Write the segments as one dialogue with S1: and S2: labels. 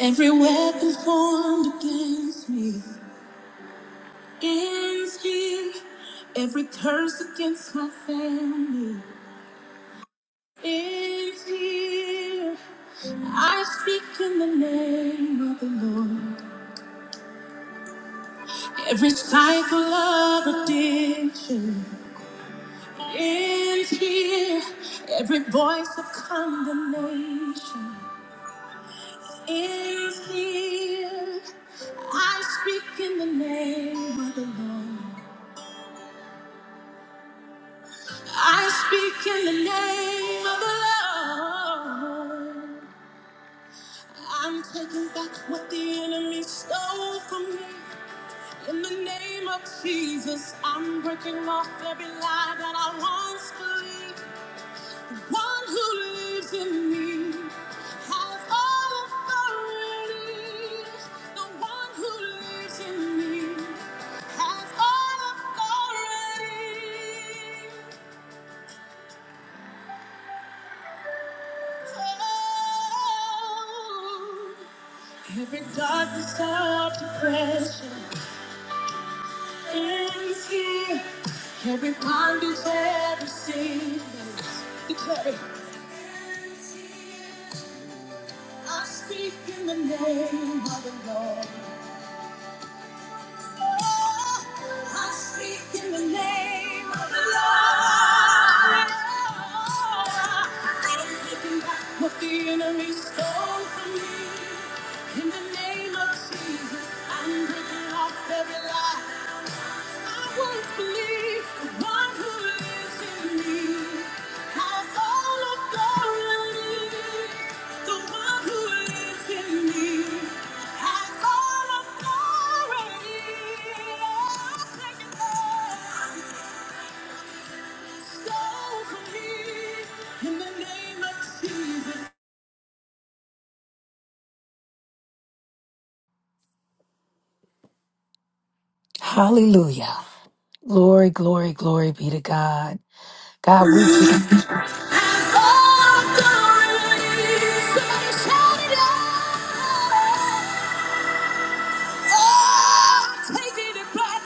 S1: Every weapon formed against me ends here. Every curse against my family ends here. I speak in the name of the Lord. Every cycle of addiction ends here. Every voice of condemnation ends here. I speak in the name of the Lord. I speak in the name of the Lord. I'm taking back what the enemy stole from me. In the name of Jesus, I'm breaking off every lie that I once believed. One who lives in me has all authority. The one who lives in me has all authority. Every darkness of depression ends here. Every bondage, every sickness. Declare it. I speak in the name of the Lord. I speak in the name of the Lord. I am taking back what the enemy stole from me. In the name of Jesus, I'm breaking off every lie. In the name of Jesus.
S2: Hallelujah. Glory, glory, glory be to God. God, we just,
S1: Has all authority. Somebody shout it back.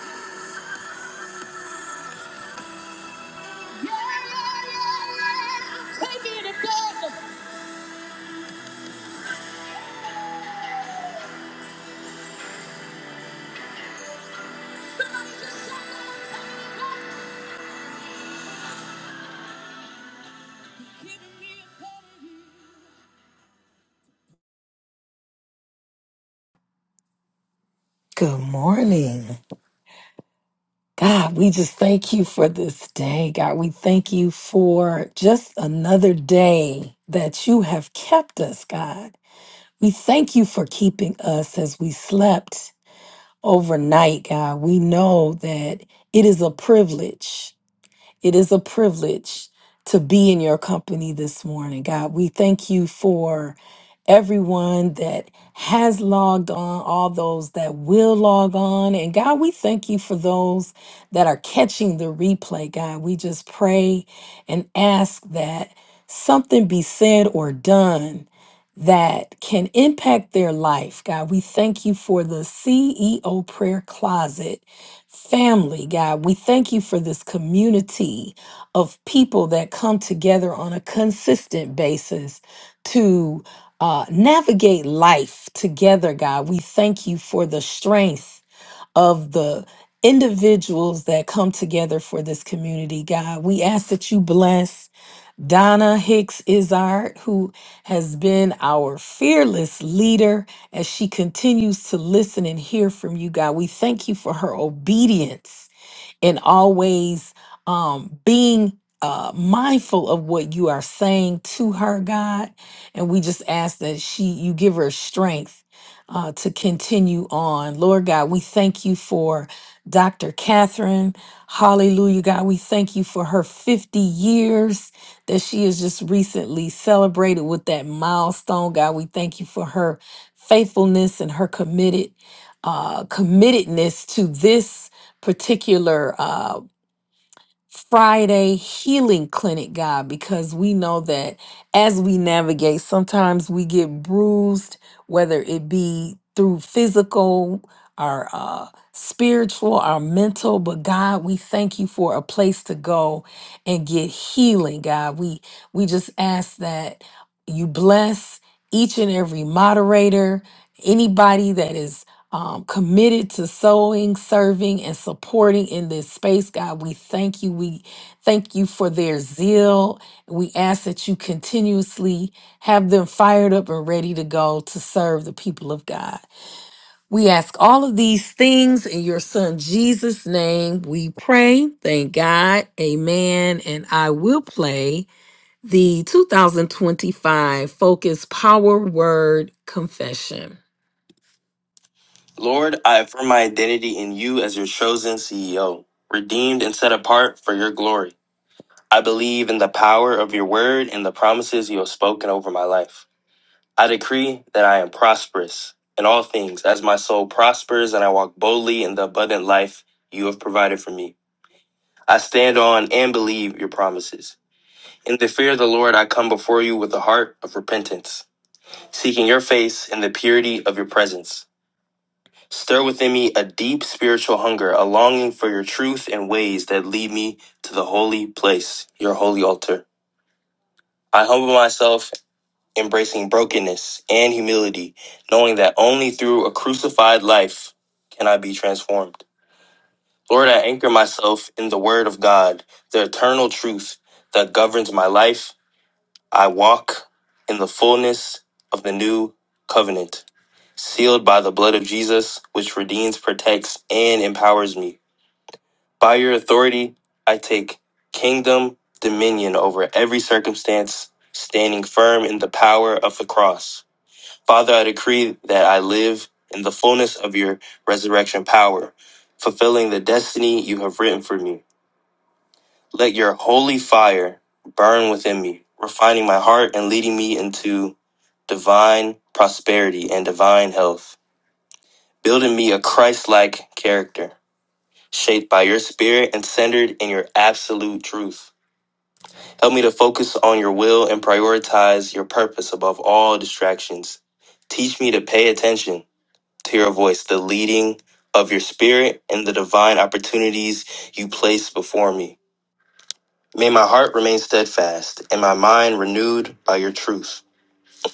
S1: Yeah, yeah, yeah, yeah.
S2: good morning. God, we just thank you for this day. God, we thank you for just another day that you have kept us, God. We thank you for keeping us as we slept overnight, God. We know that it is a privilege. It is a privilege to be in your company this morning, God. We thank you for. everyone that has logged on, all those that will log on. And God, we thank you for those that are catching the replay, God. We just pray and ask that something be said or done that can impact their life, God. We thank you for the CEO Prayer Closet family, God. We thank you for this community of people that come together on a consistent basis to uh, navigate life together, God. We thank you for the strength of the individuals that come together for this community, God. We ask that you bless Donna Hicks Izard, who has been our fearless leader as she continues to listen and hear from you, God. We thank you for her obedience and always um, being uh, mindful of what you are saying to her, God. And we just ask that she, you give her strength uh, to continue on. Lord God, we thank you for Dr. Catherine. Hallelujah, God. We thank you for her 50 years that she has just recently celebrated with that milestone. God, we thank you for her faithfulness and her committed uh committedness to this particular uh, Friday healing clinic, God, because we know that as we navigate, sometimes we get bruised, whether it be through physical, our uh, spiritual, our mental. But God, we thank you for a place to go and get healing, God. We we just ask that you bless each and every moderator, anybody that is um, committed to sowing, serving, and supporting in this space. God, we thank you. We thank you for their zeal. We ask that you continuously have them fired up and ready to go to serve the people of God. We ask all of these things in your son Jesus' name. We pray. Thank God. Amen. And I will play the 2025 Focus Power Word Confession. Lord, I affirm my identity in you as your chosen CEO, redeemed and set apart for your glory. I believe in the power of your word and the promises you have spoken over my life. I decree that I am prosperous in all things as my soul prospers and I walk boldly in the abundant life you have provided for me. I stand on and believe your promises. In the fear of the Lord, I come before you with a heart of repentance, seeking your face in the purity of your presence. Stir within me a deep spiritual hunger, a longing for your truth and ways that lead me to the holy place, your holy altar. I humble myself, embracing brokenness and humility, knowing that only through a crucified life can I be transformed. Lord, I anchor myself in the Word of God, the eternal truth that governs my life. I walk in the fullness of the new covenant, sealed by the blood of Jesus, which redeems, protects, and empowers me. By your authority, I take kingdom dominion over every circumstance, standing firm in the power of the cross. Father, I decree that I live in the fullness of your resurrection power, fulfilling the destiny you have written for me. Let your holy fire burn within me, refining my heart and leading me into divine prosperity and divine health, building me a Christ like character, shaped by your spirit and centered in your absolute truth. Help me to focus on your will and prioritize your purpose above all distractions. Teach me to pay attention to your voice, the leading of your spirit, and the divine opportunities you place before me. May my heart remain steadfast and my mind renewed by your truth.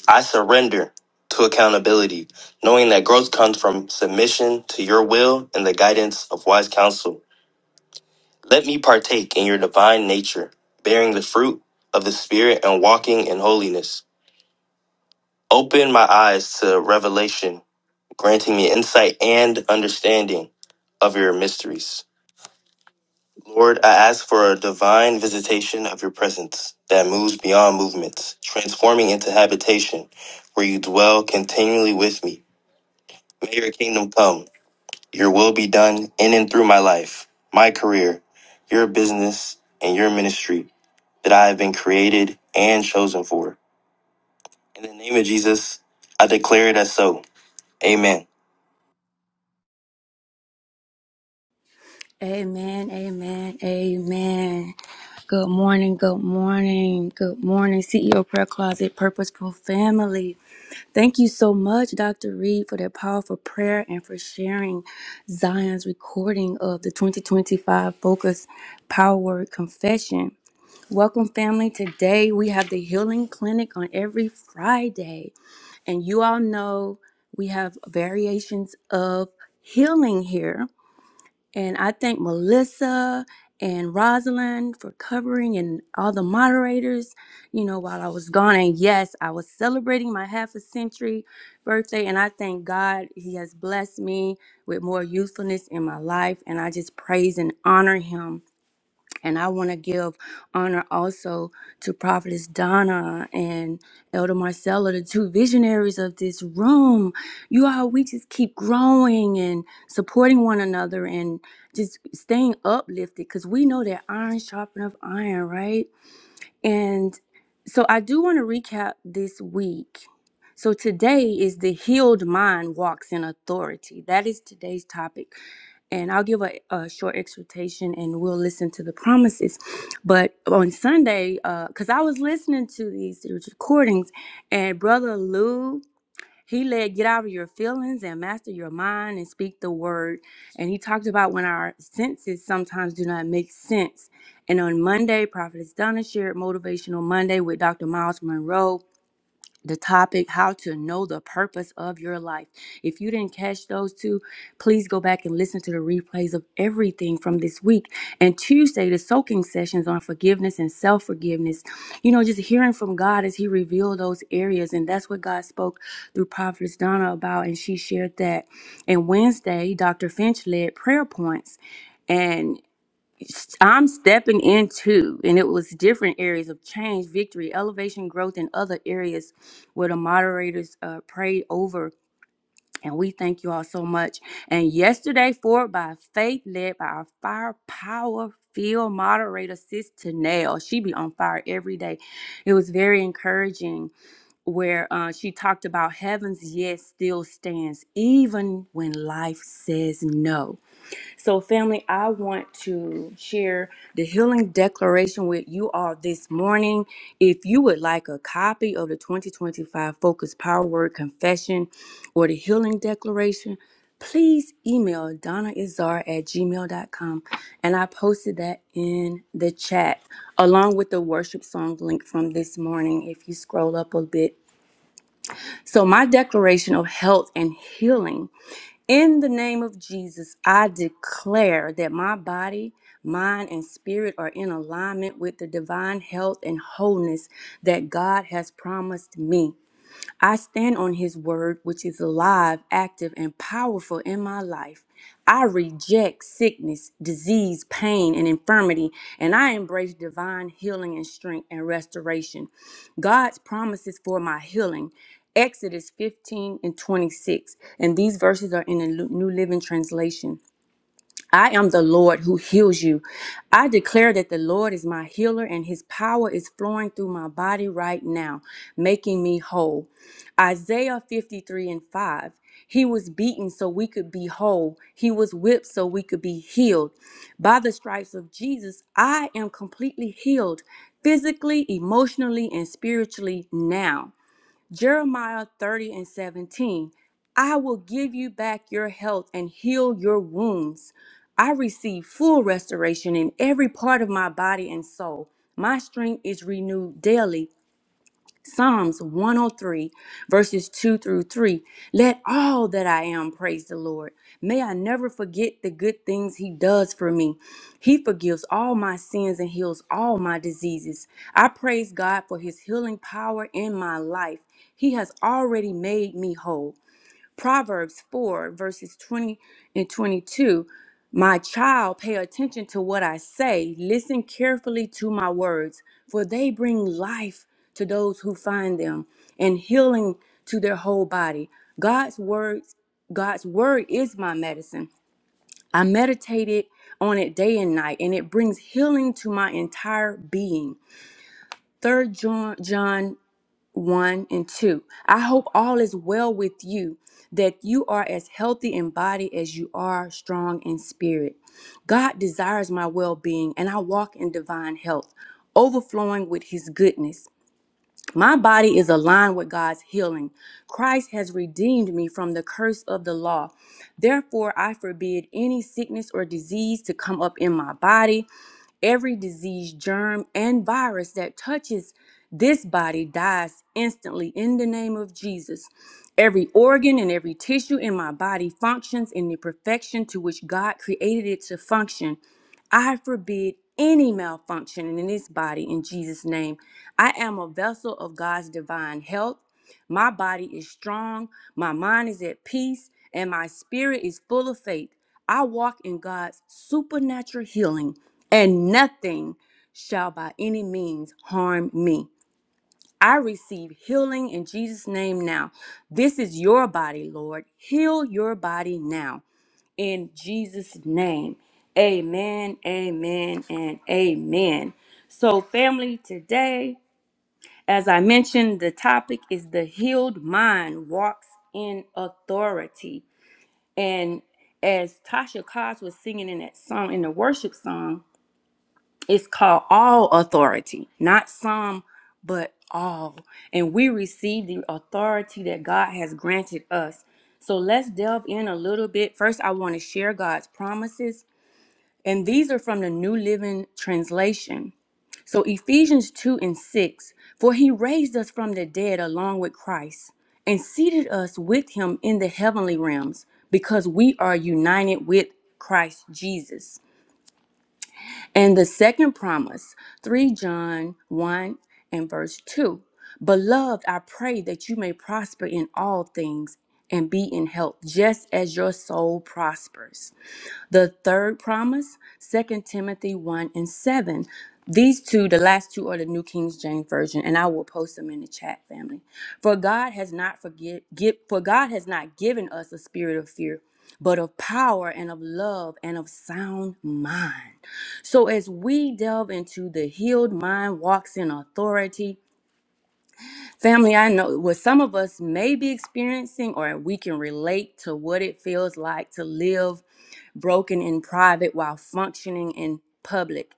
S2: I surrender to accountability, knowing that growth comes from submission to your will and the guidance of wise counsel. Let me partake in your divine nature, bearing the fruit of the Spirit and walking in holiness. Open my eyes to revelation, granting me insight and understanding of your mysteries. Lord, I ask for a divine visitation of your presence that moves beyond movements, transforming into habitation where you dwell continually with me. May your kingdom come, your will be done in and through my life, my career, your business, and your ministry that I have been created and chosen for. In the name of Jesus, I declare it as so. Amen.
S1: Amen, amen, amen. Good morning, good morning, good morning, CEO Prayer Closet Purposeful Family. Thank you so much, Dr. Reed, for that powerful prayer and for sharing Zion's recording of the 2025 Focus Power Word Confession. Welcome, family. Today we have the healing clinic on every Friday. And you all know we have variations of healing here. And I thank Melissa and Rosalind for covering and all the moderators, you know, while I was gone. And yes, I was celebrating my half a century birthday. And I thank God He has blessed me with more youthfulness in my life. And I just praise and honor Him and I want to give honor also to Prophetess Donna and Elder Marcella, the two visionaries of this room. You all, we just keep growing and supporting one another and just staying uplifted because we know that iron sharpeneth iron, right? And so I do want to recap this week. So today is the healed mind walks in authority. That is today's topic. And I'll give a, a short exhortation and we'll listen to the promises. But on Sunday, because I was listening to these recordings, and Brother Lou he led get out of your feelings and master your mind and speak the word. And he talked about when our senses sometimes do not make sense. And on Monday, Prophetess Donna shared Motivational Monday with Dr. Miles Monroe the topic how to know the purpose of your life. If you didn't catch those two, please go back and listen to the replays of everything from this week. And Tuesday, the soaking sessions on forgiveness and self forgiveness. You know, just hearing from God as He revealed those areas. And that's what God spoke through Prophetess Donna about. And she shared that. And Wednesday, Dr. Finch led prayer points. and. I'm stepping into, and it was different areas of change, victory, elevation, growth, and other areas where the moderators uh, prayed over. And we thank you all so much. And yesterday, forward by faith, led by our firepower field moderator, Sis Tanel. She be on fire every day. It was very encouraging where uh, she talked about heaven's yes still stands, even when life says no so, family, I want to share the healing declaration with you all this morning. If you would like a copy of the 2025 Focus Power Word Confession or the healing declaration, please email donnaizar at gmail.com. And I posted that in the chat along with the worship song link from this morning if you scroll up a bit. So, my declaration of health and healing in the name of Jesus, I declare that my body, mind, and spirit are in alignment with the divine health and wholeness that God has promised me. I stand on his word, which is alive, active, and powerful in my life. I reject sickness, disease, pain, and infirmity, and I embrace divine healing and strength and restoration. God's promises for my healing. Exodus 15 and 26. And these verses are in the New Living Translation. I am the Lord who heals you. I declare that the Lord is my healer and his power is flowing through my body right now, making me whole. Isaiah 53 and 5. He was beaten so we could be whole. He was whipped so we could be healed. By the stripes of Jesus, I am completely healed physically, emotionally, and spiritually now. Jeremiah 30 and 17. I will give you back your health and heal your wounds. I receive full restoration in every part of my body and soul. My strength is renewed daily Psalms 103, verses 2 through 3. Let all that I am praise the Lord. May I never forget the good things He does for me. He forgives all my sins and heals all my diseases. I praise God for His healing power in my life. He has already made me whole. Proverbs 4, verses 20 and 22. My child, pay attention to what I say. Listen carefully to my words, for they bring life to those who find them and healing to their whole body. God's words, God's word is my medicine. I meditated on it day and night, and it brings healing to my entire being. Third John, 1 and 2. I hope all is well with you, that you are as healthy in body as you are strong in spirit. God desires my well being, and I walk in divine health, overflowing with his goodness. My body is aligned with God's healing. Christ has redeemed me from the curse of the law. Therefore, I forbid any sickness or disease to come up in my body. Every disease, germ, and virus that touches this body dies instantly in the name of Jesus. Every organ and every tissue in my body functions in the perfection to which God created it to function. I forbid any malfunction in this body in Jesus' name. I am a vessel of God's divine health my body is strong, my mind is at peace, and my spirit is full of faith. I walk in God's supernatural healing, and nothing shall by any means harm me. I receive healing in Jesus' name now. This is your body, Lord. Heal your body now in Jesus' name. Amen, amen, and amen. So, family, today. As I mentioned, the topic is the healed mind walks in authority. And as Tasha Cobbs was singing in that song, in the worship song, it's called all authority, not some, but all. And we receive the authority that God has granted us. So let's delve in a little bit. First, I want to share God's promises. And these are from the New Living Translation. So, Ephesians 2 and 6 For he raised us from the dead along with Christ and seated us with him in the heavenly realms because we are united with Christ Jesus. And the second promise, 3 John 1 and verse 2 Beloved, I pray that you may prosper in all things and be in health, just as your soul prospers. The third promise, Second Timothy 1 and 7. These two, the last two, are the New King James Version, and I will post them in the chat, family. For God has not forget, give, for God has not given us a spirit of fear, but of power and of love and of sound mind. So as we delve into the healed mind walks in authority, family, I know what some of us may be experiencing, or we can relate to what it feels like to live broken in private while functioning in public.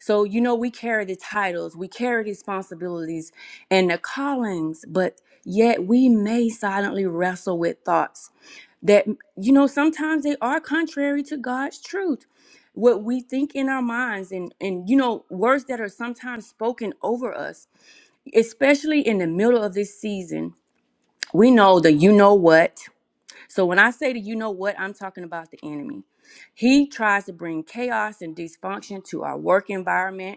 S1: So, you know, we carry the titles, we carry the responsibilities and the callings, but yet we may silently wrestle with thoughts that, you know, sometimes they are contrary to God's truth. What we think in our minds and, and, you know, words that are sometimes spoken over us, especially in the middle of this season. We know the you know what, so when I say to you know what, I'm talking about the enemy. He tries to bring chaos and dysfunction to our work environment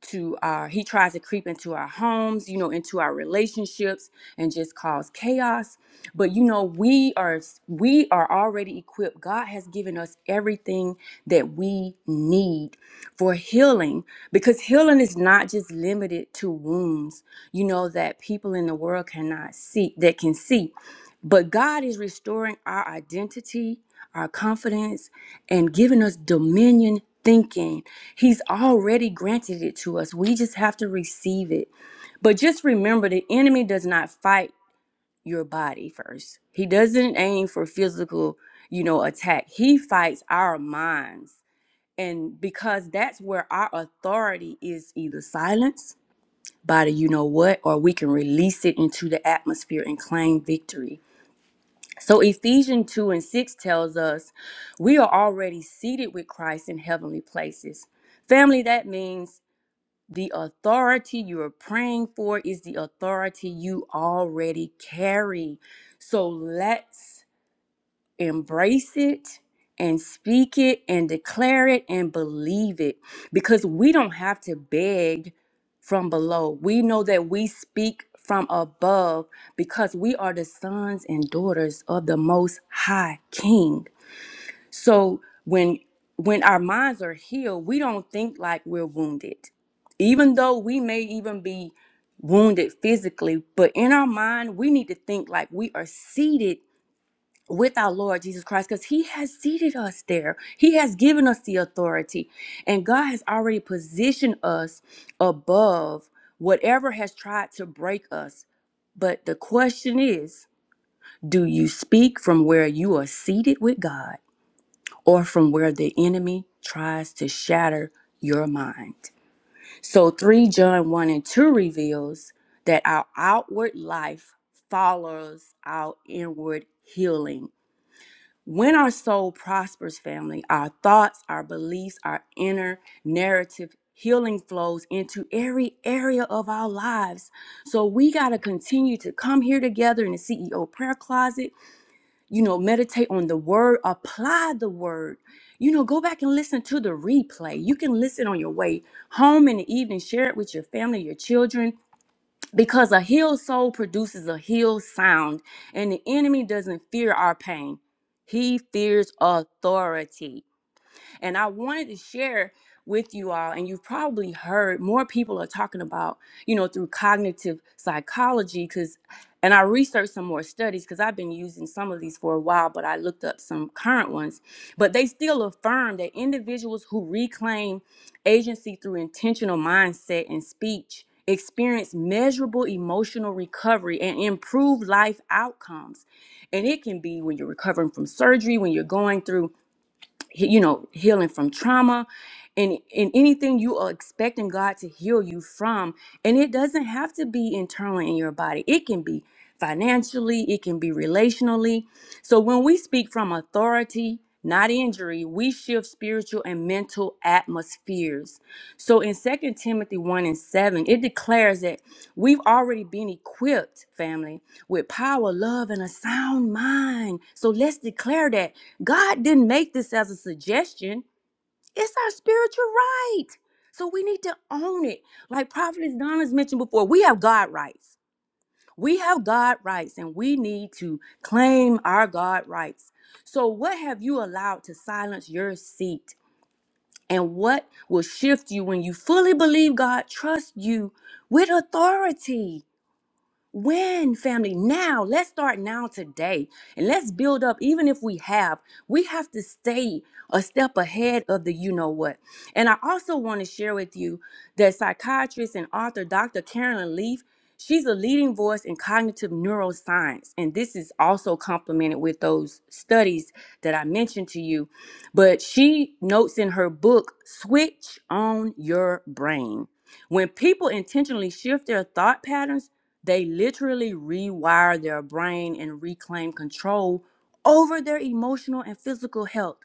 S1: to our he tries to creep into our homes you know into our relationships and just cause chaos but you know we are we are already equipped god has given us everything that we need for healing because healing is not just limited to wounds you know that people in the world cannot see that can see but god is restoring our identity our confidence and giving us dominion thinking He's already granted it to us. We just have to receive it. But just remember the enemy does not fight your body first. He doesn't aim for physical, you know, attack. He fights our minds. And because that's where our authority is either silence, body, you know what, or we can release it into the atmosphere and claim victory. So Ephesians 2 and 6 tells us we are already seated with Christ in heavenly places. Family, that means the authority you are praying for is the authority you already carry. So let's embrace it and speak it and declare it and believe it because we don't have to beg from below. We know that we speak from above because we are the sons and daughters of the Most High King. So when when our minds are healed, we don't think like we're wounded. Even though we may even be wounded physically, but in our mind, we need to think like we are seated with our Lord Jesus Christ because he has seated us there. He has given us the authority, and God has already positioned us above whatever has tried to break us. But the question is, do you speak from where you are seated with God? or from where the enemy tries to shatter your mind. So 3 John 1 and 2 reveals that our outward life follows our inward healing. When our soul prospers, family, our thoughts, our beliefs, our inner narrative healing flows into every area of our lives. So we got to continue to come here together in the CEO prayer closet you know, meditate on the word, apply the word. You know, go back and listen to the replay. You can listen on your way home in the evening, share it with your family, your children, because a healed soul produces a healed sound, and the enemy doesn't fear our pain. He fears authority. And I wanted to share with you all, and you've probably heard more people are talking about, you know, through cognitive psychology, because, and I researched some more studies because I've been using some of these for a while, but I looked up some current ones. But they still affirm that individuals who reclaim agency through intentional mindset and speech experience measurable emotional recovery and improved life outcomes and it can be when you're recovering from surgery when you're going through he- you know healing from trauma and and anything you are expecting God to heal you from and it doesn't have to be internal in your body it can be financially it can be relationally so when we speak from authority not injury we shift spiritual and mental atmospheres so in Second timothy 1 and 7 it declares that we've already been equipped family with power love and a sound mind so let's declare that God didn't make this as a suggestion. It's our spiritual right. So we need to own it. Like Prophetess Donna's mentioned before, we have God rights. We have God rights and we need to claim our God rights. So, what have you allowed to silence your seat? And what will shift you when you fully believe God trusts you with authority? When, family? Now. Let's start now today. And let's build up, even if we have, we have to stay a step ahead of the you know what. And I also want to share with you that psychiatrist and author Dr. Carolyn Leaf, she's a leading voice in cognitive neuroscience. And this is also complemented with those studies that I mentioned to you. But she notes in her book, Switch on Your Brain. When people intentionally shift their thought patterns, they literally rewire their brain and reclaim control over their emotional and physical health.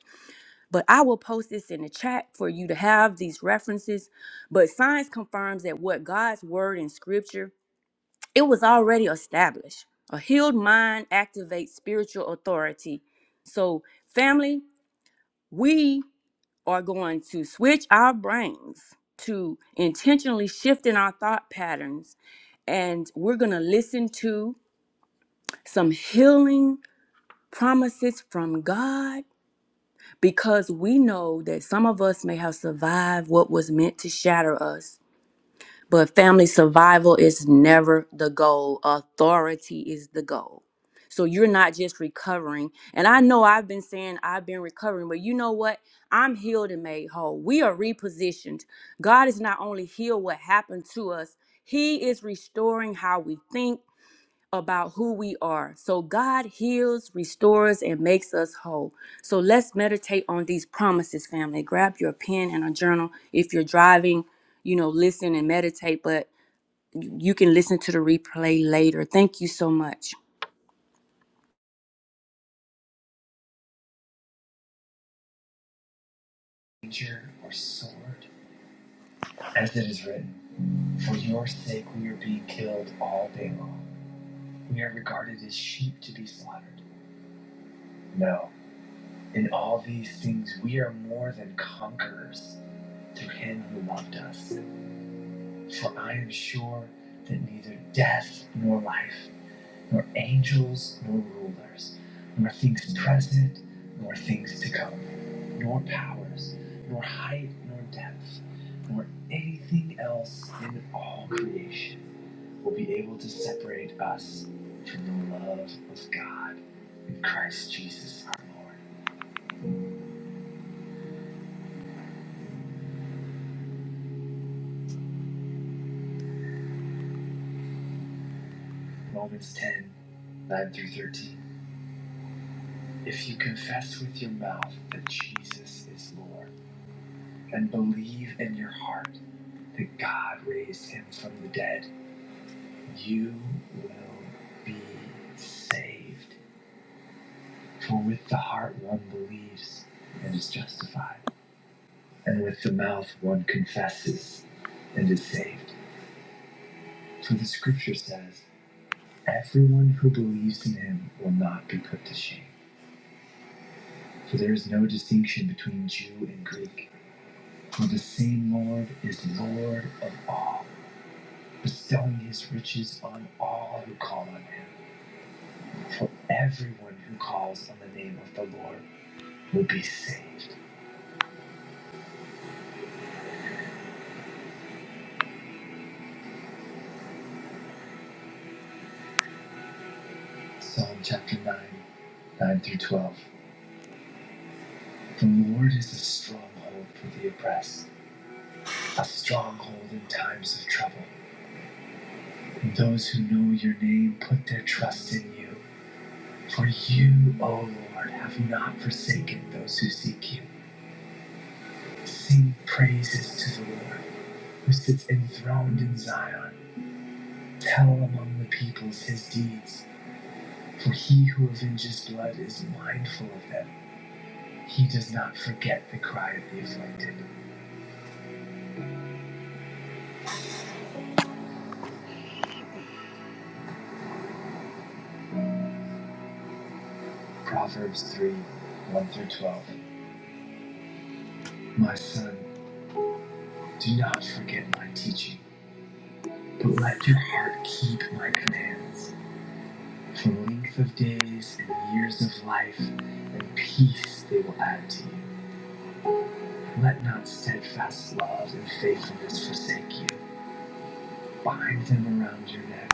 S1: But I will post this in the chat for you to have these references. But science confirms that what God's word in scripture, it was already established. A healed mind activates spiritual authority. So, family, we are going to switch our brains to intentionally shifting our thought patterns and we're going to listen to some healing promises from God because we know that some of us may have survived what was meant to shatter us. But family survival is never the goal, authority is the goal. So you're not just recovering. And I know I've been saying I've been recovering, but you know what? I'm healed and made whole. We are repositioned. God is not only healed what happened to us, He is restoring how we think about who we are. So God heals, restores, and makes us whole. So let's meditate on these promises, family. Grab your pen and a journal. If you're driving, you know, listen and meditate, but you can listen to the replay later. Thank you so much.
S3: rapier or sword, as it is written, For your sake we are being killed all day long. We are regarded as sheep to be slaughtered. No, in all these things we are more than conquerors through him who loved us. For I am sure that neither death nor life, nor angels, nor rulers, nor things present, nor things to come, nor powers, nor height, nor depth, nor anything else in all creation will be able to separate us from the love of God in Christ Jesus our Lord. Romans 10 9 through 13. If you confess with your mouth that Jesus is Lord and believe in your heart that God raised him from the dead, you will be saved. For with the heart one believes and is justified, and with the mouth one confesses and is saved. For the scripture says, Everyone who believes in him will not be put to shame. For there is no distinction between Jew and Greek, for the same Lord is Lord of all, bestowing his riches on all who call on him. For everyone who calls on the name of the Lord will be saved. Psalm chapter 9, 9 through 12. The Lord is a stronghold for the oppressed, a stronghold in times of trouble. And those who know your name put their trust in you. For you, O Lord, have not forsaken those who seek you. Sing praises to the Lord, who sits enthroned in Zion. Tell among the peoples his deeds, for he who avenges blood is mindful of them. He does not forget the cry of the afflicted. Proverbs 3 1 through 12. My son, do not forget my teaching, but let your heart keep my commands. For length of days and years of life and peace they will add to you. Let not steadfast love and faithfulness forsake you. Bind them around your neck.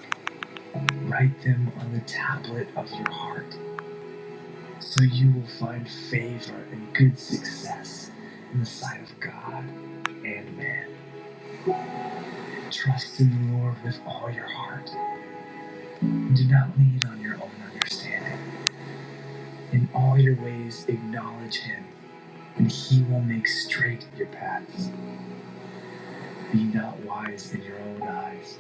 S3: Write them on the tablet of your heart so you will find favor and good success in the sight of God and man. Trust in the Lord with all your heart, and do not lean on your own understanding. In all your ways, acknowledge Him, and He will make straight your paths. Be not wise in your own eyes.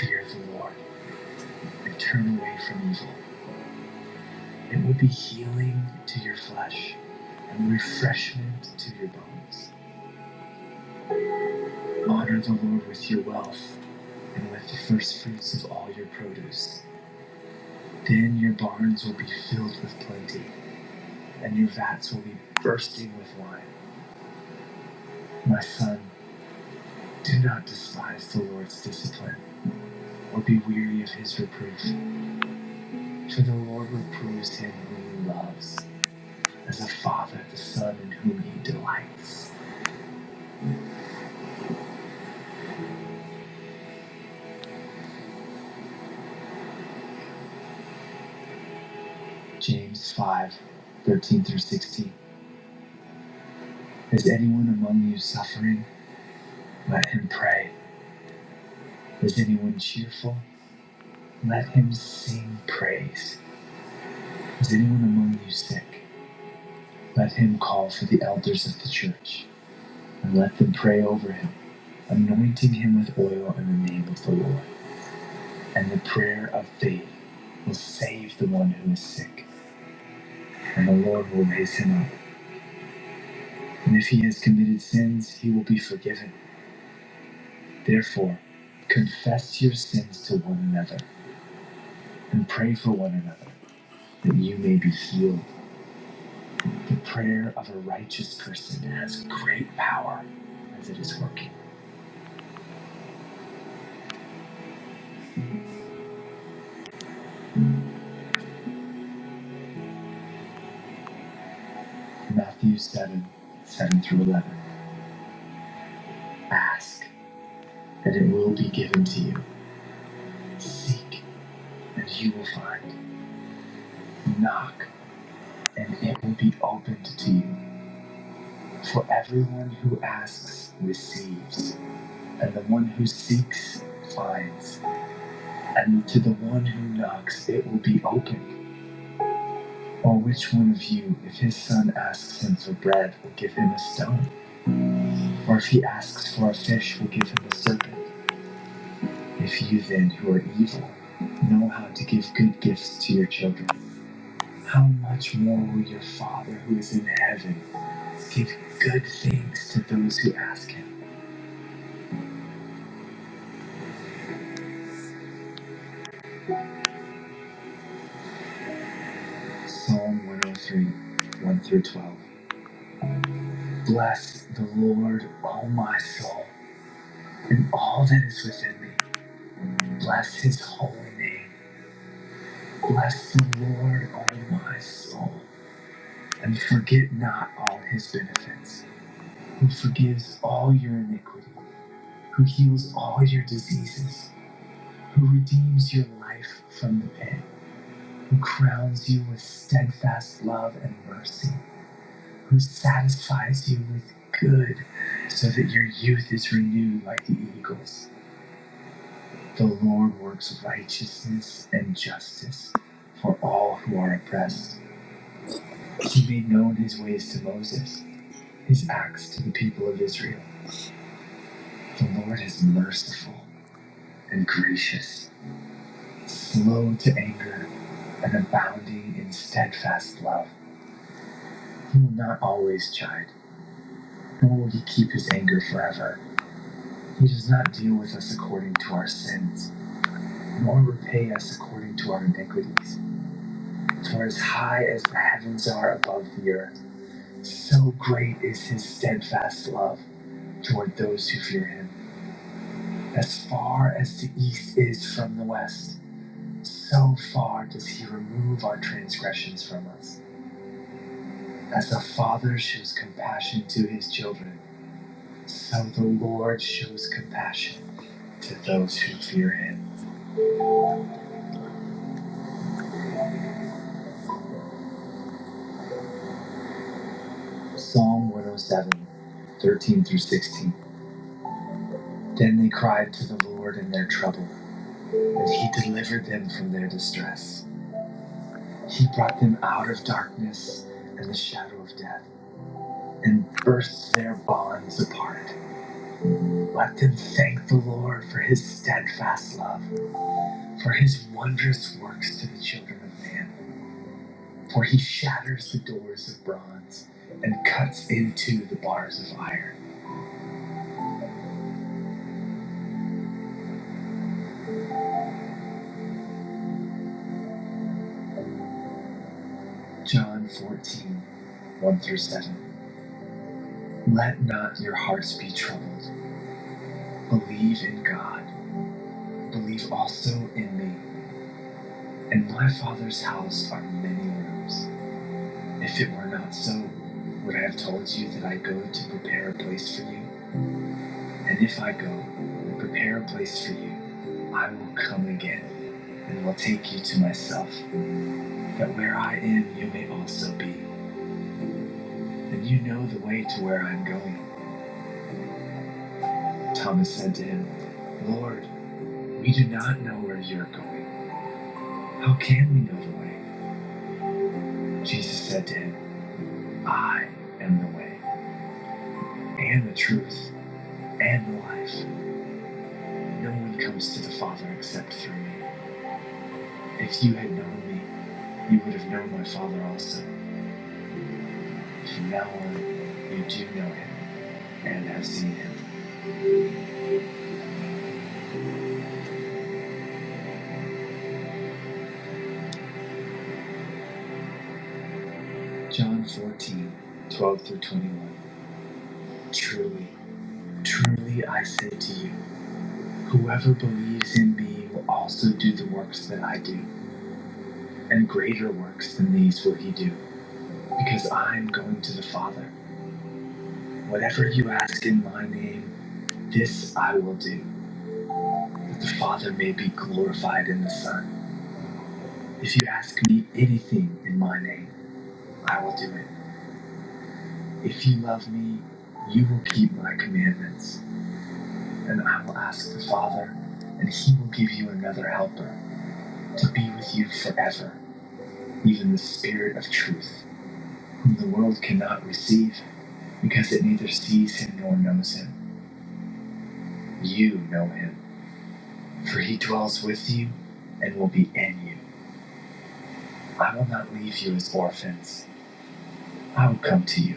S3: Fear the Lord, and turn away from evil. It will be healing to your flesh, and refreshment to your bones. Honor the Lord with your wealth and with the first fruits of all your produce. Then your barns will be filled with plenty, and your vats will be bursting with wine. My son, do not despise the Lord's discipline, or be weary of his reproof, for the Lord reproves him whom he loves, as a father the son in whom he delights. James 5, 13 through 16. Is anyone among you suffering? Let him pray. Is anyone cheerful? Let him sing praise. Is anyone among you sick? Let him call for the elders of the church, and let them pray over him, anointing him with oil in the name of the Lord. And the prayer of faith will save the one who is sick, and the Lord will raise him up. And if he has committed sins, he will be forgiven. Therefore, confess your sins to one another, and pray for one another, that you may be healed. The prayer of a righteous person has great power as it is working. Matthew 7 7 through 11. Ask, and it will be given to you. Seek, and you will find. Knock, and it will be opened to you. For everyone who asks receives, and the one who seeks finds, and to the one who knocks it will be opened. Or which one of you, if his son asks him for bread, will give him a stone? Or if he asks for a fish, will give him a serpent? If you then, who are evil, know how to give good gifts to your children, how much more will your Father who is in heaven give good things to those who ask him? Psalm 103, 1 through 12. Bless the Lord, O my soul, and all that is within me. Bless his holy name. Bless the Lord, O my soul, and forget not all his benefits, who forgives all your iniquity who heals all your diseases, who redeems your life from the pit, who crowns you with steadfast love and mercy, who satisfies you with good so that your youth is renewed like the eagles. The Lord works righteousness and justice for all who are oppressed. He made known his ways to Moses, his acts to the people of Israel. The Lord is merciful and gracious slow to anger, and abounding in steadfast love. He will not always chide, nor will he keep his anger forever. He does not deal with us according to our sins, nor repay us according to our iniquities. For as high as the heavens are above the earth, so great is his steadfast love toward those who fear him. As far as the east is from the west, so far does he remove our transgressions from us. As the Father shows compassion to his children, so the Lord shows compassion to those who fear him. Psalm 107, 13 through 16. Then they cried to the Lord in their trouble, and he delivered them from their distress. He brought them out of darkness and the shadow of death, and burst their bonds apart. Let them thank the Lord for his steadfast love, for his wondrous works to the children of man. for he shatters the doors of bronze and cuts into the bars of iron. John fourteen one through 7. Let not your hearts be troubled. Believe in God. Believe also in me. In my Father's house are many rooms. If it were not so, would I have told you that I go to prepare a place for you? And if I go and prepare a place for you, I will come again and will take you to myself, But where I am, you may also be, and you know the way to where I am going. Thomas said to him, Lord, we do not know where you're going. How can we know the way? Jesus said to him, I am the way, and the truth, and the life. No one comes to the Father except through me. If you had known me, you would have known my Father also. From now on, you do know him and have seen him. John 14, 12 through 21. Truly. Truly I say to you, whoever believes in me will also do the works that I do, and greater works than these will he do, because I am going to the Father. Whatever you ask in my name, this I will do, that the Father may be glorified in the Son. If you ask me anything in my name, I will do it. If you love me, you will keep my commandments, and I will ask the Father, and he will give you another helper to be with you forever even the Spirit of truth, whom the world cannot receive, because it neither sees him nor knows him. You know him, for he dwells with you and will be in you. I will not leave you as orphans. I will come to you.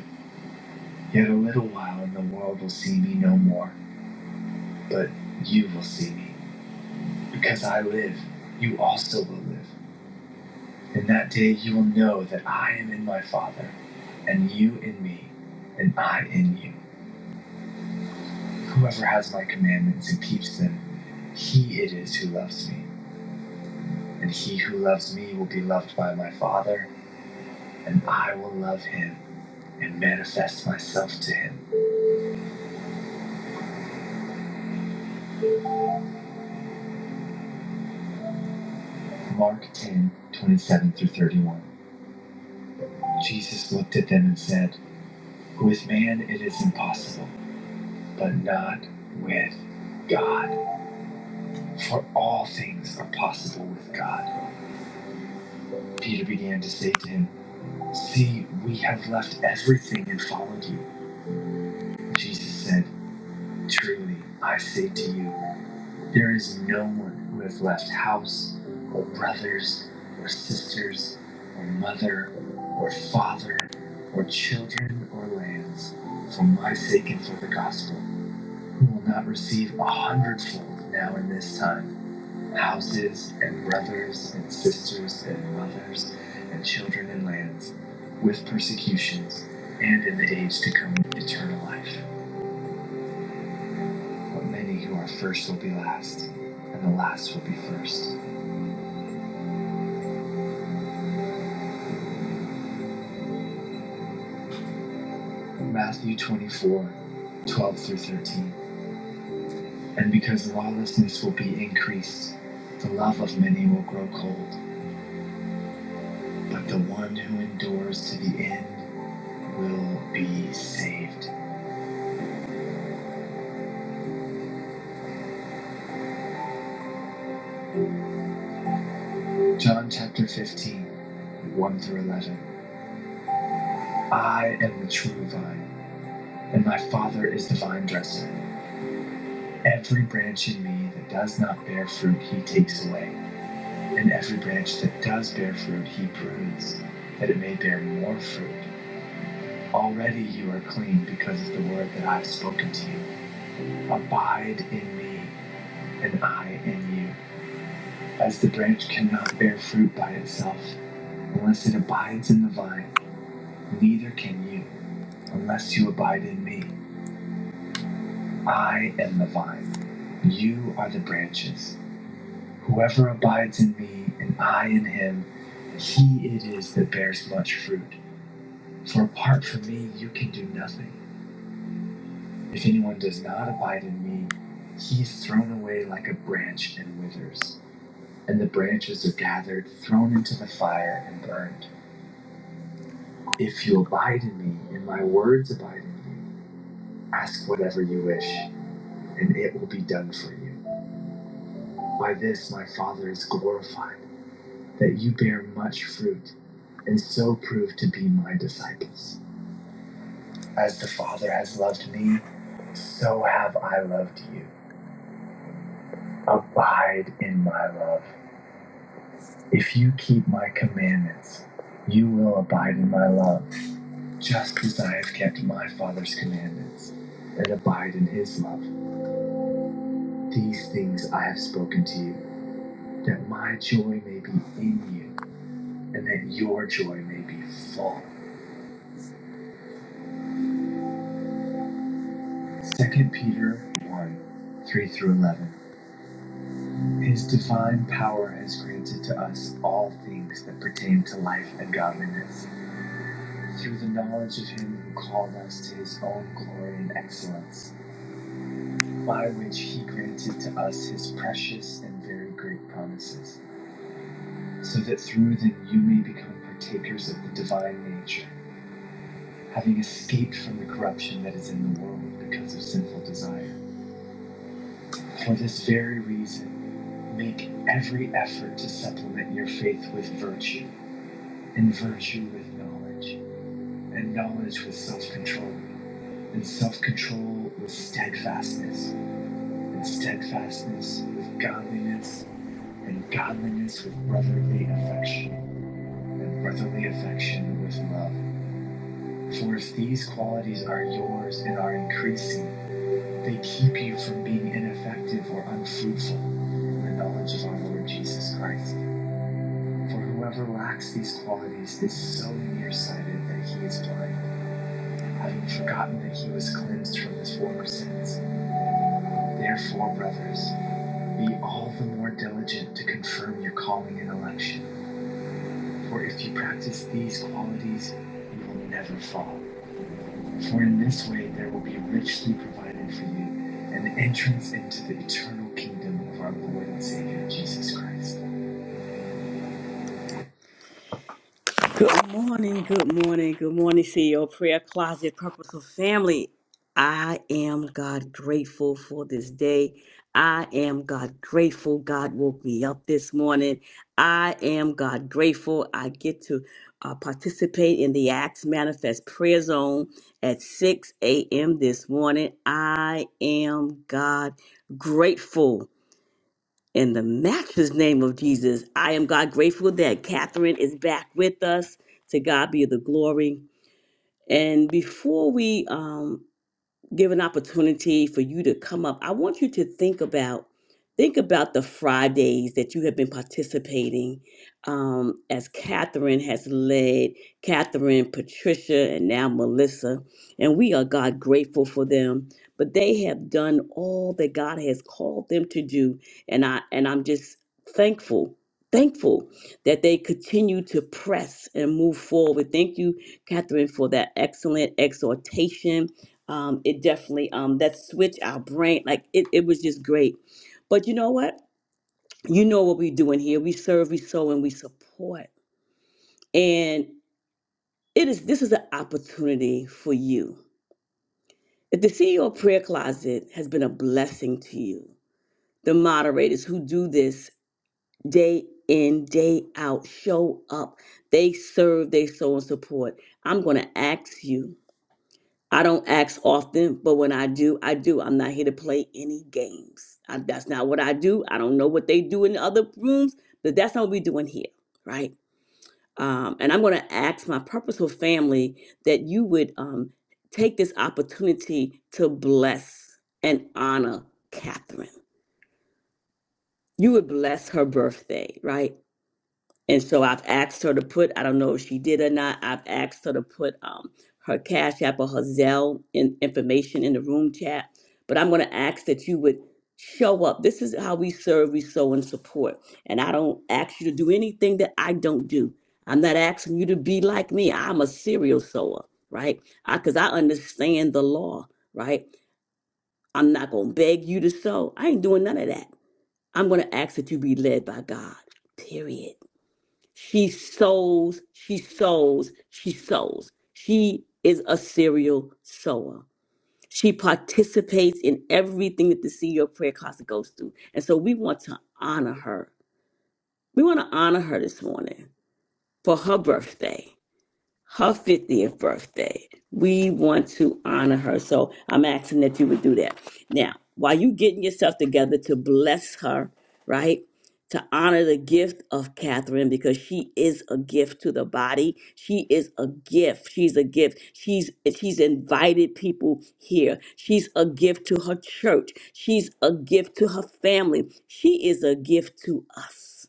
S3: Yet a little while, and the world will see me no more, but you will see me. Because I live, you also will live. In that day you will know that I am in my Father, and you in me, and I in you. Whoever has my commandments and keeps them, he it is who loves me. And he who loves me will be loved by my Father, and I will love him and manifest myself to him. Mark 10:27 through 31. Jesus looked at them and said, With man it is impossible, but not with God. For all things are possible with God. Peter began to say to him, See, we have left everything and followed you. Jesus said, Truly, I say to you, there is no one who has left house, or brothers, or sisters, or mother, or father, or children, or lands, for my sake and for the gospel, who will not receive a hundredfold now in this time houses, and brothers, and sisters, and mothers, and children, and lands, with persecutions, and in the age to come eternal life. But many who are first will be last, and the last will be first. Matthew 24, 12 through 13. And because lawlessness will be increased, the love of many will grow cold, but the one who endures to the end will be saved. John chapter 15, 1 through 11. I am the true vine, and my Father is the vine dresser. Every branch in me that does not bear fruit, he takes away And every branch that does bear fruit, he prunes, that it may bear more fruit. Already you are clean because of the word that I have spoken to you. Abide in me, and I in you. As the branch cannot bear fruit by itself unless it abides in the vine, neither can you unless you abide in me. I am the vine. You are the branches. Whoever abides in me and I in him, he it is that bears much fruit. For apart from me, you can do nothing. If anyone does not abide in me, he is thrown away like a branch and withers. And the branches are gathered, thrown into the fire, and burned. If you abide in me, and my words abide in you, ask whatever you wish, and it will be done for you. By this my Father is glorified, that you bear much fruit, and so prove to be my disciples. As the Father has loved me, so have I loved you. Abide in my love. If you keep my commandments, you will abide in my love, just as I have kept my Father's commandments and abide in his love. These things I have spoken to you, that my joy may be in you, and that your joy may be full. Second Peter 1 3 through 11. His divine power has granted to us all things that pertain to life and godliness through the knowledge of him who called us to his own glory and excellence, by which he granted to us his precious and very great promises, so that through them you may become partakers of the divine nature, having escaped from the corruption that is in the world because of sinful desire. For this very reason, make every effort to supplement your faith with virtue, and virtue with knowledge and knowledge with self control, and self control with steadfastness, and steadfastness with godliness, and godliness with brotherly affection, and brotherly affection with love. For if these qualities are yours and are increasing, they keep you from being ineffective or unfruitful in the knowledge of our Lord Jesus Christ. For whoever lacks these qualities is so nearsighted that he is blind having forgotten that he was cleansed from his former sins. Therefore, brothers, be all the more diligent to confirm your calling and election. For if you practice these qualities, you will never fall. For in this way there will be richly provided for you an entrance into the eternal kingdom of our Lord and Savior Jesus Christ. Good morning, good morning, good morning, CEO Prayer Closet Purposeful Family. I am God grateful for this day. I am God grateful. God woke me up this morning. I am God grateful. I get to uh, participate in the Acts Manifest Prayer Zone at 6 a.m. this morning. I am God grateful. In the matchless name of Jesus, I am God grateful that Catherine is back with us. To God be the glory. And before we um give an opportunity for you to come up. I want you to think about think about the Fridays that you have been participating um, as Catherine has led Catherine, Patricia, and now Melissa. And we are God grateful for them. But they have done all that God has called them to do. And I and I'm just thankful. Thankful that they continue to press and move forward. Thank you, Catherine, for that excellent exhortation um, it definitely um, that switched our brain. Like it, it was just great. But you know what? You know what we doing here. We serve, we sow, and we support. And it is this is an opportunity for you. If the CEO prayer closet has been a blessing to you, the moderators who do this day in, day out, show up. They serve, they sow and support. I'm gonna ask you I don't ask often, but when I do, I do. I'm not here to play any games. I, that's not what I do. I don't know what they do in the other rooms, but that's not what we're doing here, right? Um, and I'm going to ask my purposeful family that you would um, take this opportunity to bless and honor Catherine. You would bless her birthday, right? And so I've asked her to put, I don't know if she did or not, I've asked her to put um, her Cash App or her Zelle in, information in the room chat. But I'm going to ask that you would show up. This is how we serve, we sow, and support. And I don't ask you to do anything that I don't do. I'm not asking you to be like me. I'm a serial sower, right? Because I, 'cause I understand the law, right? I'm not going to beg you to sow. I ain't doing none of that. I'm going to ask that you be led by God, period. She sows, she sows, she sows. She is a serial sower. She participates in everything that the CEO of Prayer Closet goes through. And so we want to honor her. We want to honor her this morning for her birthday her 50th birthday. We want to honor her. So I'm asking that you would do that. Now, while you getting yourself together to bless her, right? To honor the gift of Catherine because she is a gift to the body. She is a gift. She's a gift. She's she's invited people here. She's a gift to her church. She's a gift to her family. She is a gift to us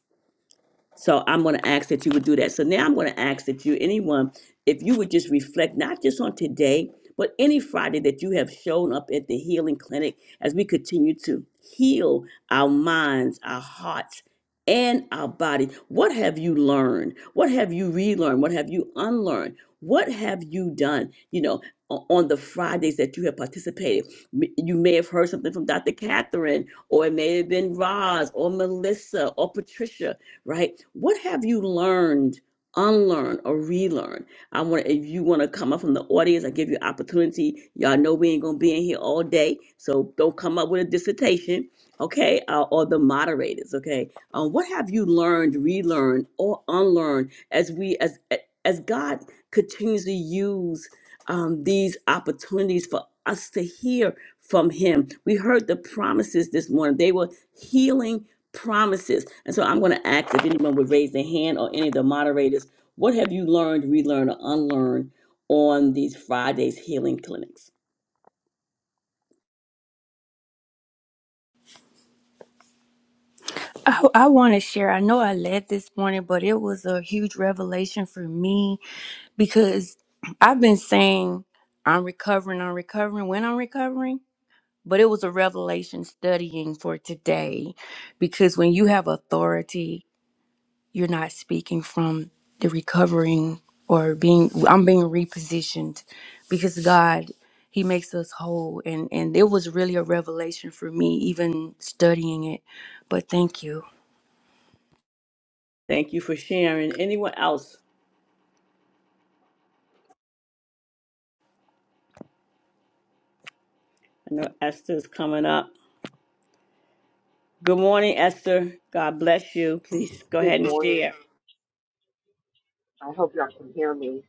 S3: so I'm going to ask that you would do that. So now I'm going to ask that you, anyone, if you would just reflect, not just on today, but any Friday that you have shown up at the healing clinic as we continue to heal our minds, our hearts, and our body. What have you learned? What have you relearned? What have you unlearned? What have you done? You know, o- on the Fridays that you have participated, M- you may have heard something from Dr. Catherine, or it may have been Roz, or Melissa, or Patricia right? What have you learned, unlearn, or relearn? I want to, if you want to come up from the audience, I give you opportunity. Y'all know we ain't gonna be in here all day, so don't come up with a dissertation, okay? Uh, or the moderators, okay? Um, what have you learned, relearned, or unlearned as we as as God continues to use um, these opportunities for us to hear from him. We heard the promises this morning. They were healing promises. And so I'm going to ask if anyone would raise their hand or any of the moderators, what have you learned, relearned, or unlearned on these Fridays healing clinics?
S1: I, I want to share. I know I led this morning, but it was a huge revelation for me because I've been saying I'm recovering, I'm recovering. When I'm recovering, but it was a revelation studying for today because when you have authority, you're not speaking from the recovering or being I'm being repositioned because God he makes us whole and and it was really a revelation for me even studying it. But thank you.
S3: Thank you for sharing. Anyone else? I know Esther's coming up. Good morning, Esther. God bless you. Please go
S4: Good
S3: ahead and
S4: morning.
S3: share.
S4: I hope y'all can hear me.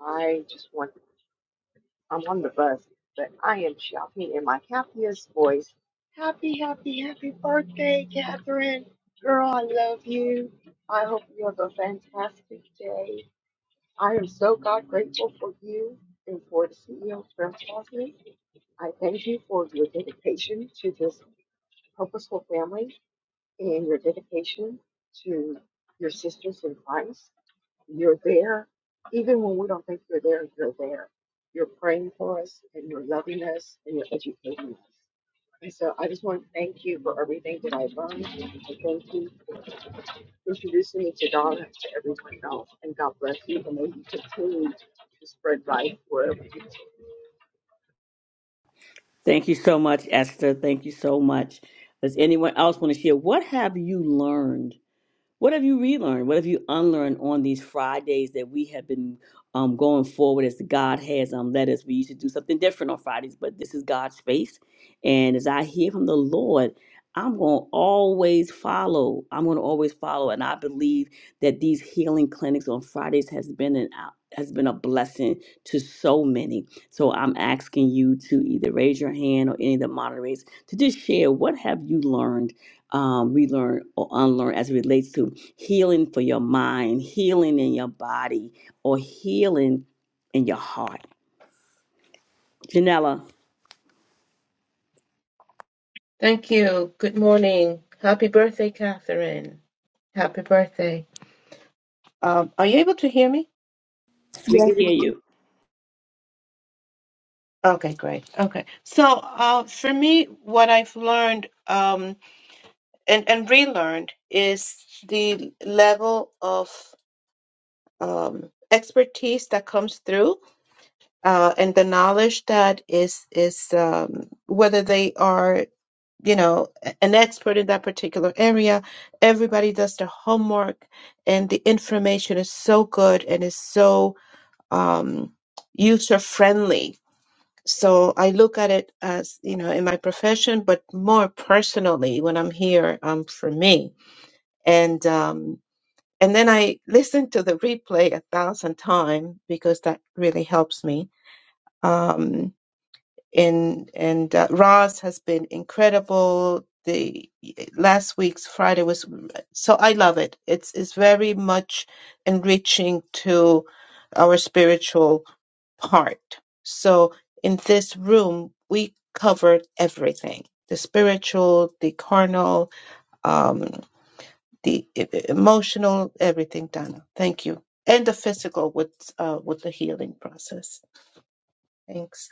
S4: I just want, I'm on the bus, but I am shouting in my happiest voice. Happy, happy, happy birthday, Catherine. Girl, I love you. I hope you have a fantastic day. I am so God grateful for you and for the CEO of Grand Cosmic. I thank you for your dedication to this purposeful family and your dedication to your sisters in Christ. You're there. Even when we don't think you're there, you're there. You're praying for us and you're loving us and you're educating us. And so I just want to thank you for everything that I learned. And thank you for introducing me to Donna and to everyone else. And God bless you. And may you continue to spread life wherever you go.
S3: Thank you so much, Esther. Thank you so much. Does anyone else want to share? What have you learned? What have you relearned? What have you unlearned on these Fridays that we have been um, going forward as God has um, led us? We used to do something different on Fridays, but this is God's space. And as I hear from the Lord, I'm going to always follow. I'm going to always follow. And I believe that these healing clinics on Fridays has been an out. Has been a blessing to so many. So I'm asking you to either raise your hand or any of the moderators to just share what have you learned um, relearn or unlearn as it relates to healing for your mind, healing in your body, or healing in your heart. Janella,
S5: Thank you. Good morning. Happy birthday, Catherine. Happy birthday. Um, are you able to hear me?
S3: we can hear you.
S5: Okay, great. Okay. So, uh, for me, what I've learned um, and, and relearned is the level of um, expertise that comes through uh, and the knowledge that is, is um, whether they are you know, an expert in that particular area. Everybody does their homework, and the information is so good and is so um, user friendly. So I look at it as, you know, in my profession, but more personally when I'm here um, for me. And um, and then I listen to the replay a thousand times because that really helps me. Um, and and uh, Ross has been incredible. The last week's Friday was so I love it. It's it's very much enriching to our spiritual part. So in this room, we covered everything: the spiritual, the carnal, um, the e- e- emotional, everything. Donna, thank you, and the physical with uh, with the healing process. Thanks.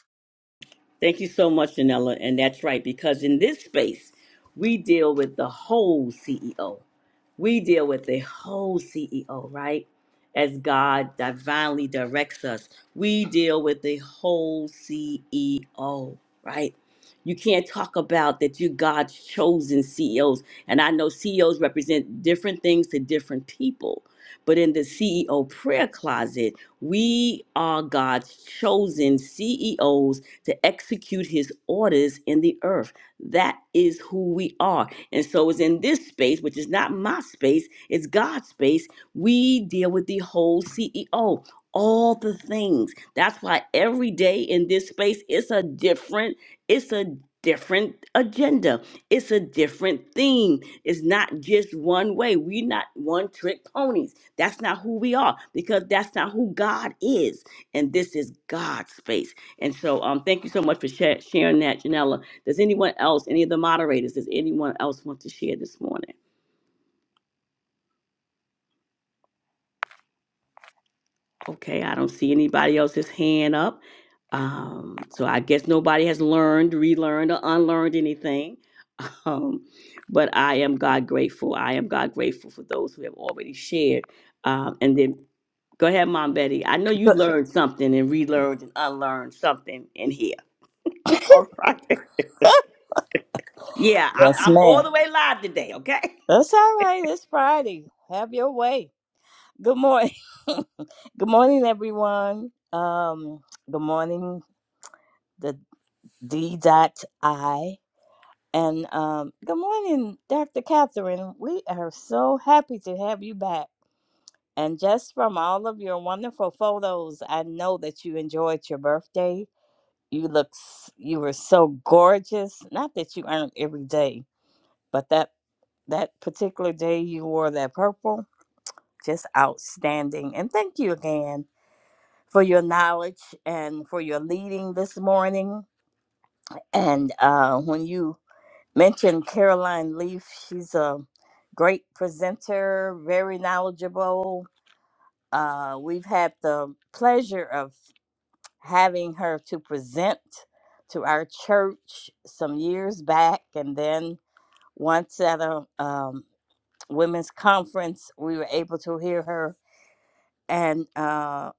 S3: Thank you so much, Janella. And that's right, because in this space, we deal with the whole CEO. We deal with the whole CEO, right? As God divinely directs us, we deal with the whole CEO, right? You can't talk about that you're God's chosen CEOs. And I know CEOs represent different things to different people. But in the CEO prayer closet, we are God's chosen CEOs to execute his orders in the earth. That is who we are. And so it's in this space, which is not my space, it's God's space. We deal with the whole CEO, all the things. That's why every day in this space, it's a different, it's a different agenda. It's a different theme. It's not just one way. We're not one trick ponies. That's not who we are because that's not who God is. And this is God's space. And so um, thank you so much for sha- sharing that, Janella. Does anyone else, any of the moderators, does anyone else want to share this morning? Okay, I don't see anybody else's hand up. Um, so I guess nobody has learned, relearned, or unlearned anything. Um, but I am God grateful. I am God grateful for those who have already shared. Um, and then go ahead, Mom Betty. I know you learned something and relearned and unlearned something in here. All right. Yeah, I'm,
S6: Yes,
S3: I'm
S6: ma'am.
S3: all the way live today, okay?
S6: That's all right. It's Friday. Have your way. Good morning. good morning, everyone. Um, good morning, the D dot I. And um, good morning, Dr. Catherine. We are so happy to have you back. And just from all of your wonderful photos, I know that you enjoyed your birthday. You look, s- you were so gorgeous. Not that you aren't every day, but that that particular day you wore that purple just outstanding. And thank you again for your knowledge and for your leading this morning. And uh, when you mentioned Caroline Leaf, she's a great presenter, very knowledgeable. Uh, we've had the pleasure of having her to present to our church some years back. And then once at a um, women's conference, we were able to hear her and uh,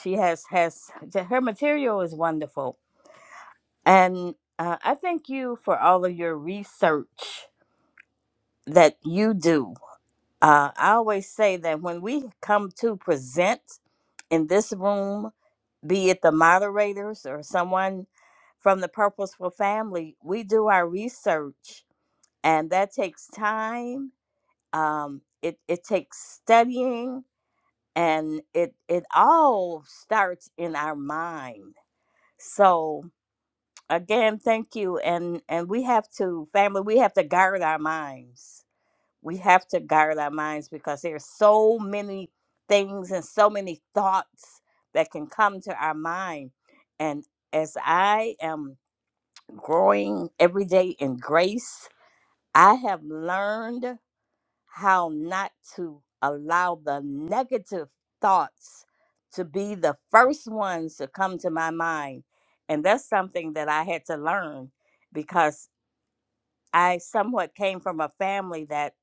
S6: she has has her material is wonderful and uh, i thank you for all of your research that you do uh, i always say that when we come to present in this room be it the moderators or someone from the purposeful family we do our research and that takes time um, it, it takes studying and it it all starts in our mind So again, thank you. And and we have to, family, we have to guard our minds. We have to guard our minds because there's so many things and so many thoughts that can come to our mind. And as I am growing every day in grace, I have learned how not to allow the negative thoughts to be the first ones to come to my mind. And that's something that I had to learn because I somewhat came from a family that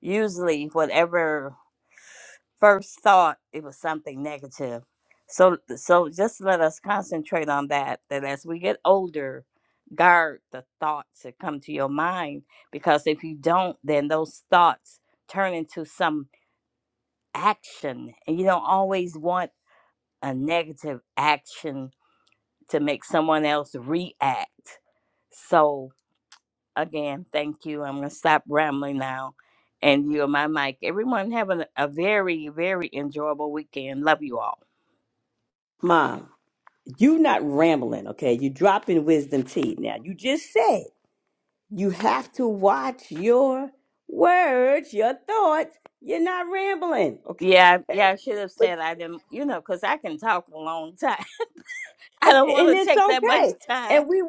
S6: usually whatever first thought it was something negative. So so just let us concentrate on that that as we get older guard the thoughts that come to your mind because if you don't then those thoughts turn into some action. And you don't always want a negative action to make someone else react. So, again, thank you. I'm going to stop rambling now and you my mic. Everyone having a a very, very enjoyable weekend. Love you all.
S3: Mom. You are not rambling, okay? You dropping wisdom teeth now. You just said you have to watch your words, your thoughts. You're not rambling,
S6: Yeah, yeah, I
S3: okay?
S6: should have
S3: But
S6: said I didn't, you know, because I can talk a long time. I don't want
S3: and
S6: to
S3: it's
S6: take that much
S3: okay.
S6: time.
S3: And we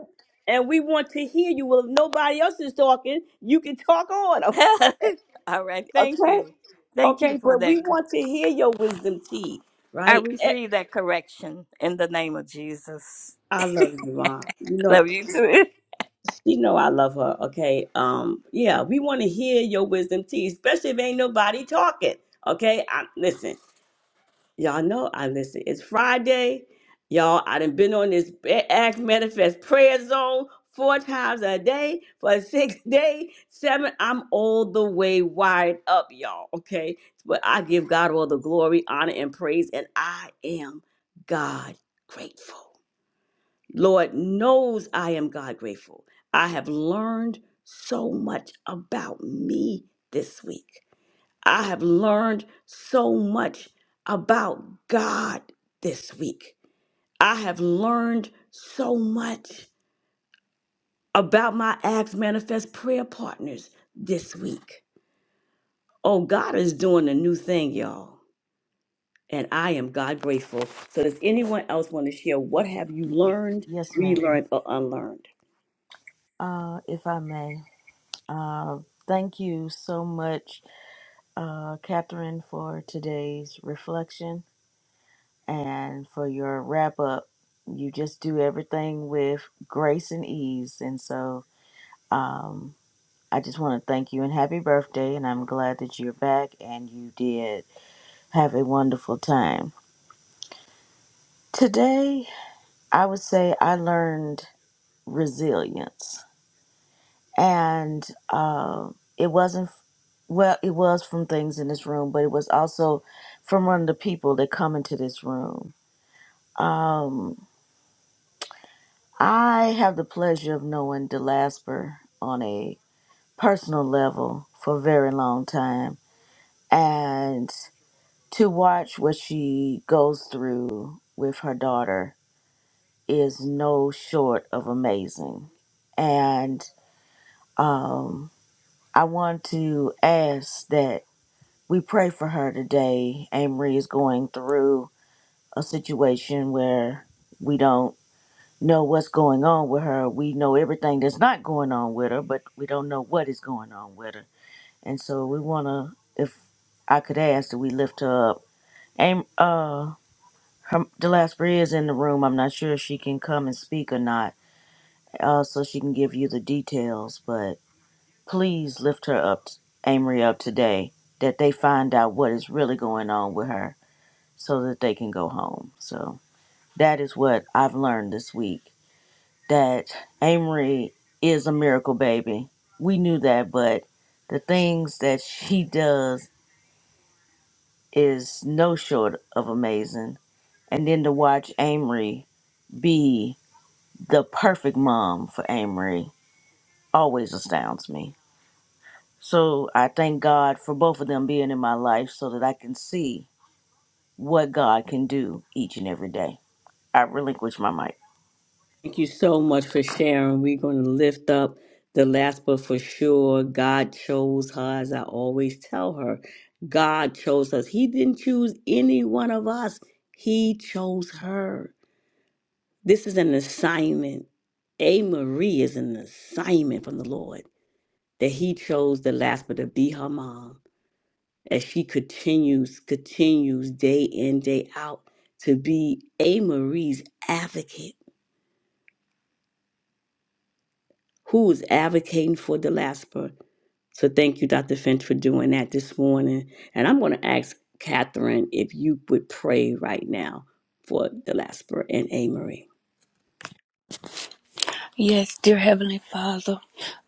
S3: and we want to hear you. Well, if nobody else is talking, you can talk on, okay?
S6: All right. Thank
S3: Okay,
S6: you. Thank you
S3: okay.
S6: for
S3: But
S6: that.
S3: we
S6: cor-
S3: want to hear your wisdom teeth,
S6: I
S3: right? Eh,
S6: receive that correction in the name of Jesus.
S3: I love you, Mom. You know.
S6: Love you too.
S3: You know I love her. Okay. Um, yeah, we want to hear your wisdom tea, especially if ain't nobody talking. Okay. I listen, y'all know I listen. It's Friday. Y'all, I done been on this Ba- Act Manifest prayer zone four times a day for six days, seven. I'm all the way wired up, y'all. Okay. But I give God all the glory, honor, and praise, and I am God grateful. Lord knows I am God grateful. I have learned so much about me this week. I have learned so much about God this week. I have learned so much about my Acts Manifest prayer partners this week. Oh, God is doing a new thing, y'all. And I am God grateful. So, does anyone else want to share what have you
S7: Y-
S3: learned,
S7: Yes, ma'am.
S3: relearned, or unlearned?
S7: Uh, if I may, uh, thank you so much, uh, Catherine, for today's reflection and for your wrap up. You just do everything with grace and ease. And so um, I just want to thank you and happy birthday. And I'm glad that you're back and you did have a wonderful time. Today, I would say I learned resilience and uh, it wasn't well it was from things in this room but it was also from one of the people that come into this room um, i have the pleasure of knowing delasper on a personal level for a very long time and to watch what she goes through with her daughter is no short of amazing and um, i want to ask that We pray for her today. Amory is going through a situation where we don't know what's going on with her. We know everything that's not going on with her, but we don't know what is going on with her. And so we want to, if I could ask, that we lift her up. Am, uh, her, Delasper is in the room. I'm not sure if she can come and speak or not, uh, so she can give you the details. But please lift her up, Amory, up today, that they find out what is really going on with her so that they can go home. So that is what I've learned this week that Amory is a miracle baby. We knew that, but the things that she does is no short of amazing. And then to watch Amory be the perfect mom for Amory always astounds me. So I thank God for both of them being in my life so that I can see what God can do each and every day. I relinquish my mic.
S3: Thank you so much for sharing. We're going to lift up the last, but for sure, God chose her, as I always tell her. God chose us. He didn't choose any one of us, He chose her. This is an assignment. A Marie is an assignment from the Lord that He chose the last, but to be her mom as she continues, continues day in, day out to be A Marie's advocate who is advocating for the Lasper. So thank you, Dr. Finch, for doing that this morning. And I'm going to ask Catherine if you would pray right now for the Lasper and Amory.
S1: Yes, dear Heavenly Father,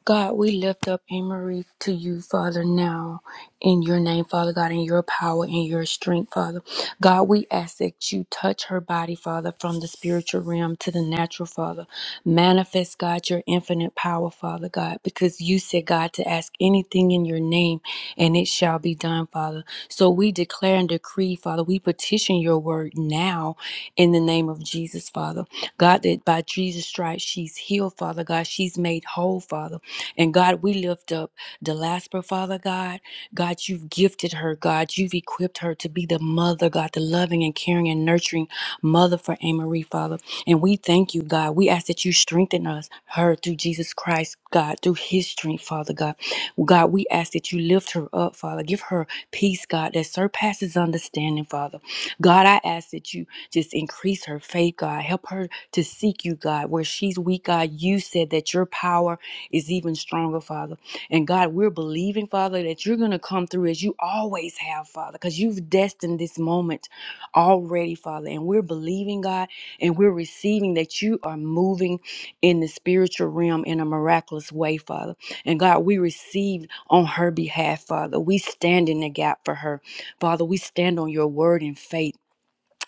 S1: God, we lift up Emery to you, Father, now in your name, Father God, in your power, in your strength, Father. God, we ask that you touch her body, Father, from the spiritual realm to the natural, Father. Manifest, God, your infinite power, Father God, because you said, God, to ask anything in your name and it shall be done, Father. So we declare and decree, Father, we petition your word now in the name of Jesus, Father. God, that by Jesus' stripes she's healed, Father God. She's made whole, Father. And God, we lift up Delasper, Father God. God, you've gifted her, God. You've equipped her to be the mother, God, the loving and caring and nurturing mother for Amarie, Father. And we thank you, God. We ask that you strengthen us, her through Jesus Christ, God, through his strength, Father God. God, we ask that you lift her up, Father. Give her peace, God, that surpasses understanding, Father. God, I ask that you just increase her faith, God. Help her to seek you, God. Where she's weak, God, you said that your power is even stronger, Father. And God, we're believing, Father, that you're going to come through as you always have, Father, because you've destined this moment already, Father. And we're believing, God, and we're receiving that you are moving in the spiritual realm in a miraculous way, Father. And God, we receive on her behalf, Father. We stand in the gap for her, Father. We stand on your word in faith.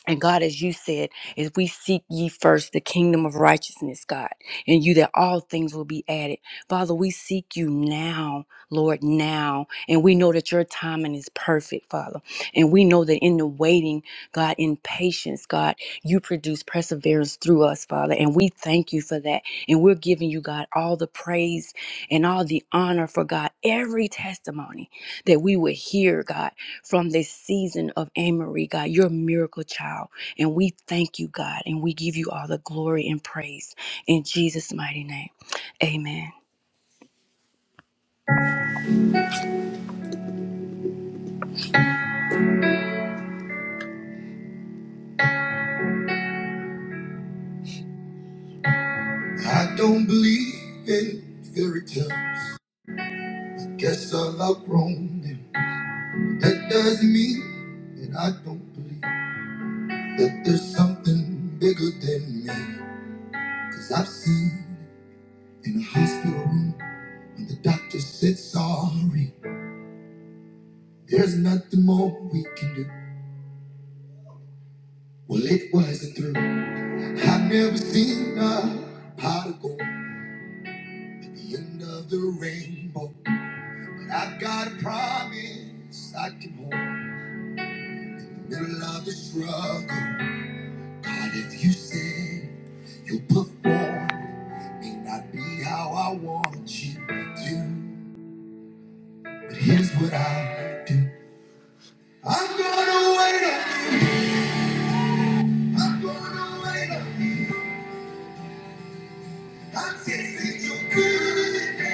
S1: And God, as you said, is we seek ye first the kingdom of righteousness, God, and you that all things will be added. Father, we seek you now, Lord, now. And we know that your timing is perfect, Father. And we know that in the waiting, God, in patience, God, you produce perseverance through us, Father. And we thank you for that. And we're giving you, God, all the praise and all the honor for God, every testimony that we would hear, God from this season of Amory, God. You're a miracle child. And we thank you, God, and we give you all the glory and praise in Jesus' mighty name. Amen.
S3: I don't believe in fairy tales. I guess I've outgrown them. That doesn't mean that I don't believe that there's something bigger than me. Cause I've seen in a hospital room when the doctor said sorry. There's nothing more we can do. Well, it wasn't through. I've never seen a pot of gold at the end of the rainbow. But I've got a promise I can hold in the middle of the struggle. God, if you say you'll perform, it may not be how I want you to. But here's what I do I'm gonna wait on you. I'm gonna wait on you. I'm tasting your good.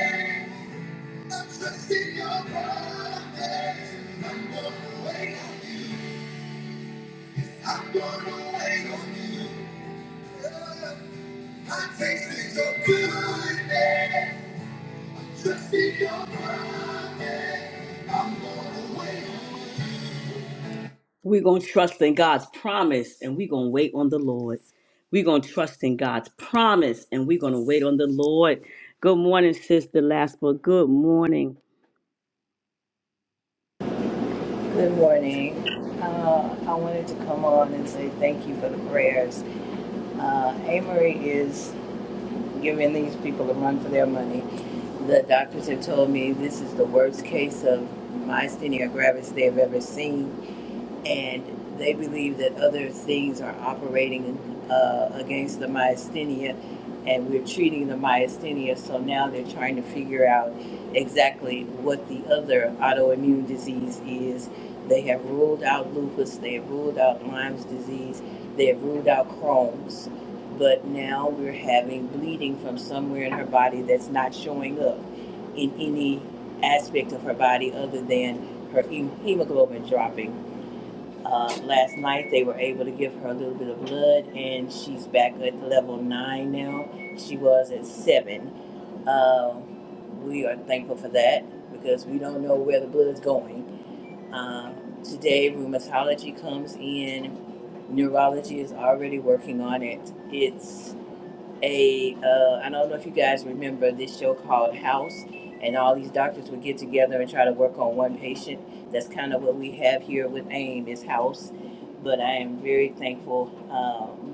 S3: We're going to trust in God's promise and we're going to wait on the Lord. We're going to trust in God's promise and we're going to wait on the Lord. Good morning, Sister Lasper. Good morning.
S8: Good morning. Uh, I wanted to come on and say thank you for the prayers. Uh, Amory is giving these people a run for their money. The doctors have told me this is the worst case of myasthenia gravis they have ever seen and they believe that other things are operating uh, against the myasthenia, and we're treating the myasthenia. So now they're trying to figure out exactly what the other autoimmune disease is. They have ruled out lupus, they have ruled out Lyme's disease, they have ruled out Crohn's. But now we're having bleeding from somewhere in her body that's not showing up in any aspect of her body other than her hem- hemoglobin dropping uh, last night they were able to give her a little bit of blood, and she's back at level nine now. She was at seven. Uh, we are thankful for that because we don't know where the blood's going. Uh, today, rheumatology comes in. Neurology is already working on it. It's a uh, I don't know if you guys remember this show called House, and all these doctors would get together and try to work on one patient. That's kind of what we have here with AIM is House, but I am very thankful. Um,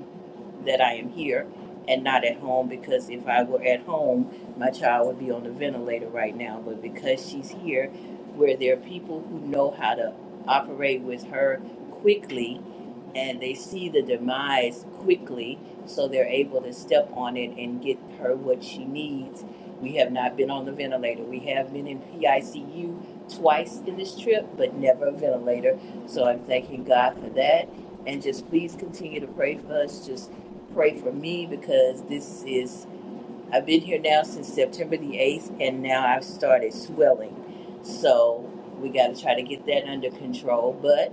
S8: that I am here and not at home because if I were at home, my child would be on the ventilator right now. But because she's here, where there are people who know how to operate with her quickly and they see the demise quickly, so they're able to step on it and get her what she needs. We have not been on the ventilator. We have been in PICU twice in this trip, but never a ventilator. So I'm thanking God for that. And just please continue to pray for us. Just pray for me because this is I've been here now since September the 8th and now I've started swelling. So we got to try to get that under control, but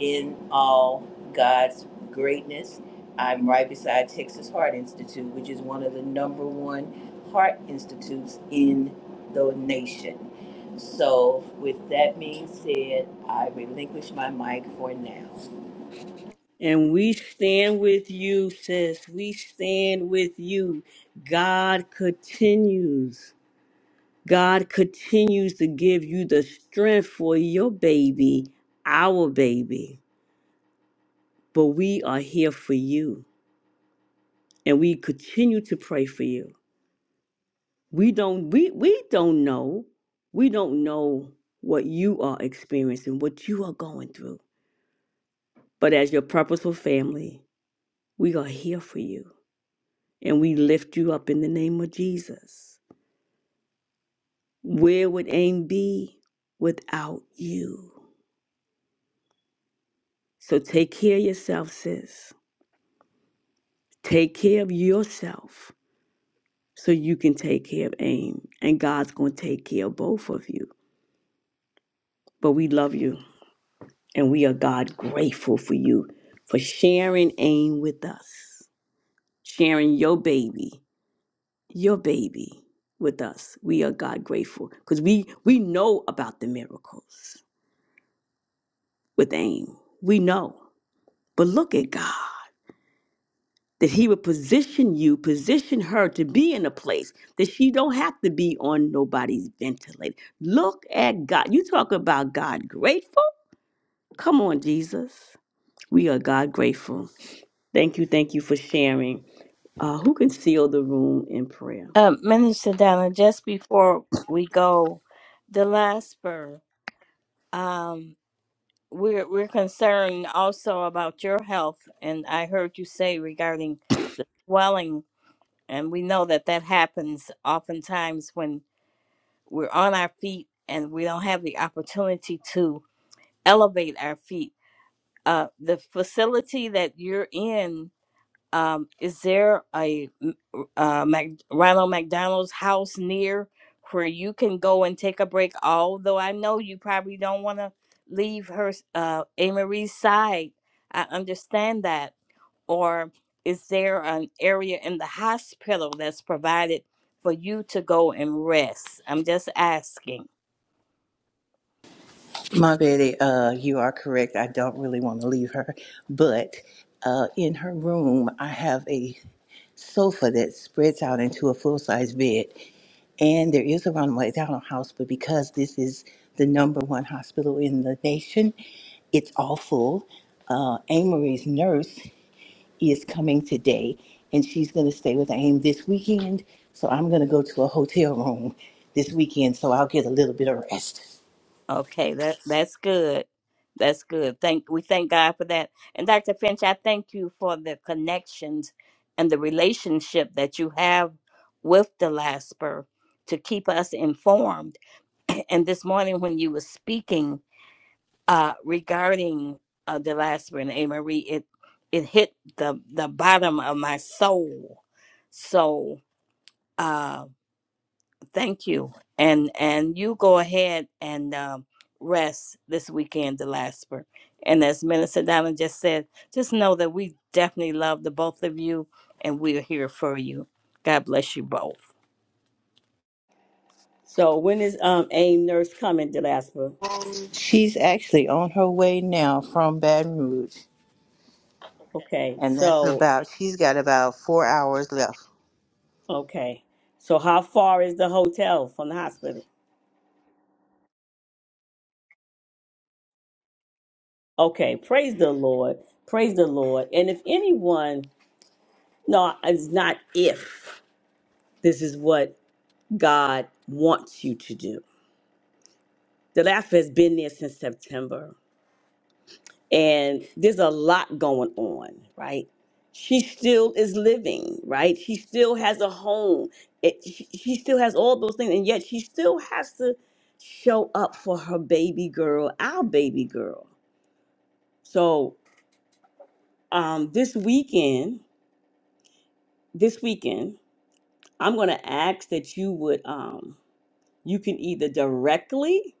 S8: in all God's greatness, I'm right beside Texas Heart Institute, which is one of the number 1 heart institutes in the nation. So with that being said, I relinquish my mic for now.
S3: And we stand with you, sis. We stand with you. God continues. God continues to give you the strength for your baby, our baby. But we are here for you. And we continue to pray for you. We don't we we don't know. We don't know what you are experiencing, what you are going through. But as your purposeful family, we are here for you. And we lift you up in the name of Jesus. Where would AIM be without you? So take care of yourself, sis. Take care of yourself so you can take care of AIM. And God's going to take care of both of you. But we love you and we are God grateful for you for sharing AIM with us, sharing your baby, your baby with us. We are God grateful because we, we know about the miracles. with aim. We know. But look at God. That he would position you, position her to be in a place that she don't have to be on nobody's ventilator. Look at God. You talk about God grateful? Come on, Jesus. We are God grateful. Thank you, thank you for sharing. Uh, who can seal the room in prayer?
S6: Uh, Minister Donna, just before we go, the last spur, um, we're, we're concerned also about your health. And I heard you say regarding the swelling, and we know that that happens oftentimes when we're on our feet and we don't have the opportunity to elevate our feet uh, the facility that you're in, um, is there a uh, Mac- Ronald McDonald's house near where you can go and take a break? Although I know you probably don't want to leave her, s- uh, A. Marie's side. I understand that. Or is there an area in the hospital that's provided for you to go and rest? I'm just asking.
S8: My Betty, uh, you are correct. I don't really want to leave her, but uh, in her room, I have a sofa that spreads out into a full size bed. And there is a runway down on house, but because this is the number one hospital in the nation, it's all full. Uh, Amory's nurse is coming today, and she's going to stay with Aim this weekend. So I'm going to go to a hotel room this weekend, so I'll get a little bit of rest.
S6: Okay, that that's good. That's good. Thank we thank God for that. And Dr. Finch, I thank you for the connections and the relationship that you have with the Lasper to keep us informed. And this morning when you were speaking uh regarding uh the Lasper and Anne Marie, it it hit the the bottom of my soul. So uh, Thank you. And and you go ahead and um, rest this weekend, the Lasper. And as Minister Donna just said, just know that we definitely love the both of you, and we are here for you. God bless you both.
S3: So when is um AIM nurse coming, Delaspa?
S8: She's actually on her way now from Baton Rouge,
S3: Okay,
S8: and that's
S3: so
S8: about she's got about four hours left.
S3: okay. So how far is the hotel from the hospital? Okay, praise the Lord. Praise the Lord. And if anyone, no, it's not if this is what God wants you to do. The laugh has been there since September, and there's a lot going on, right? She still is living, right? She still has a home. It, she, she still has all those things, and yet she still has to show up for her baby girl, our baby girl. So um, this weekend, this weekend, I'm going to ask that you would, um, you can either directly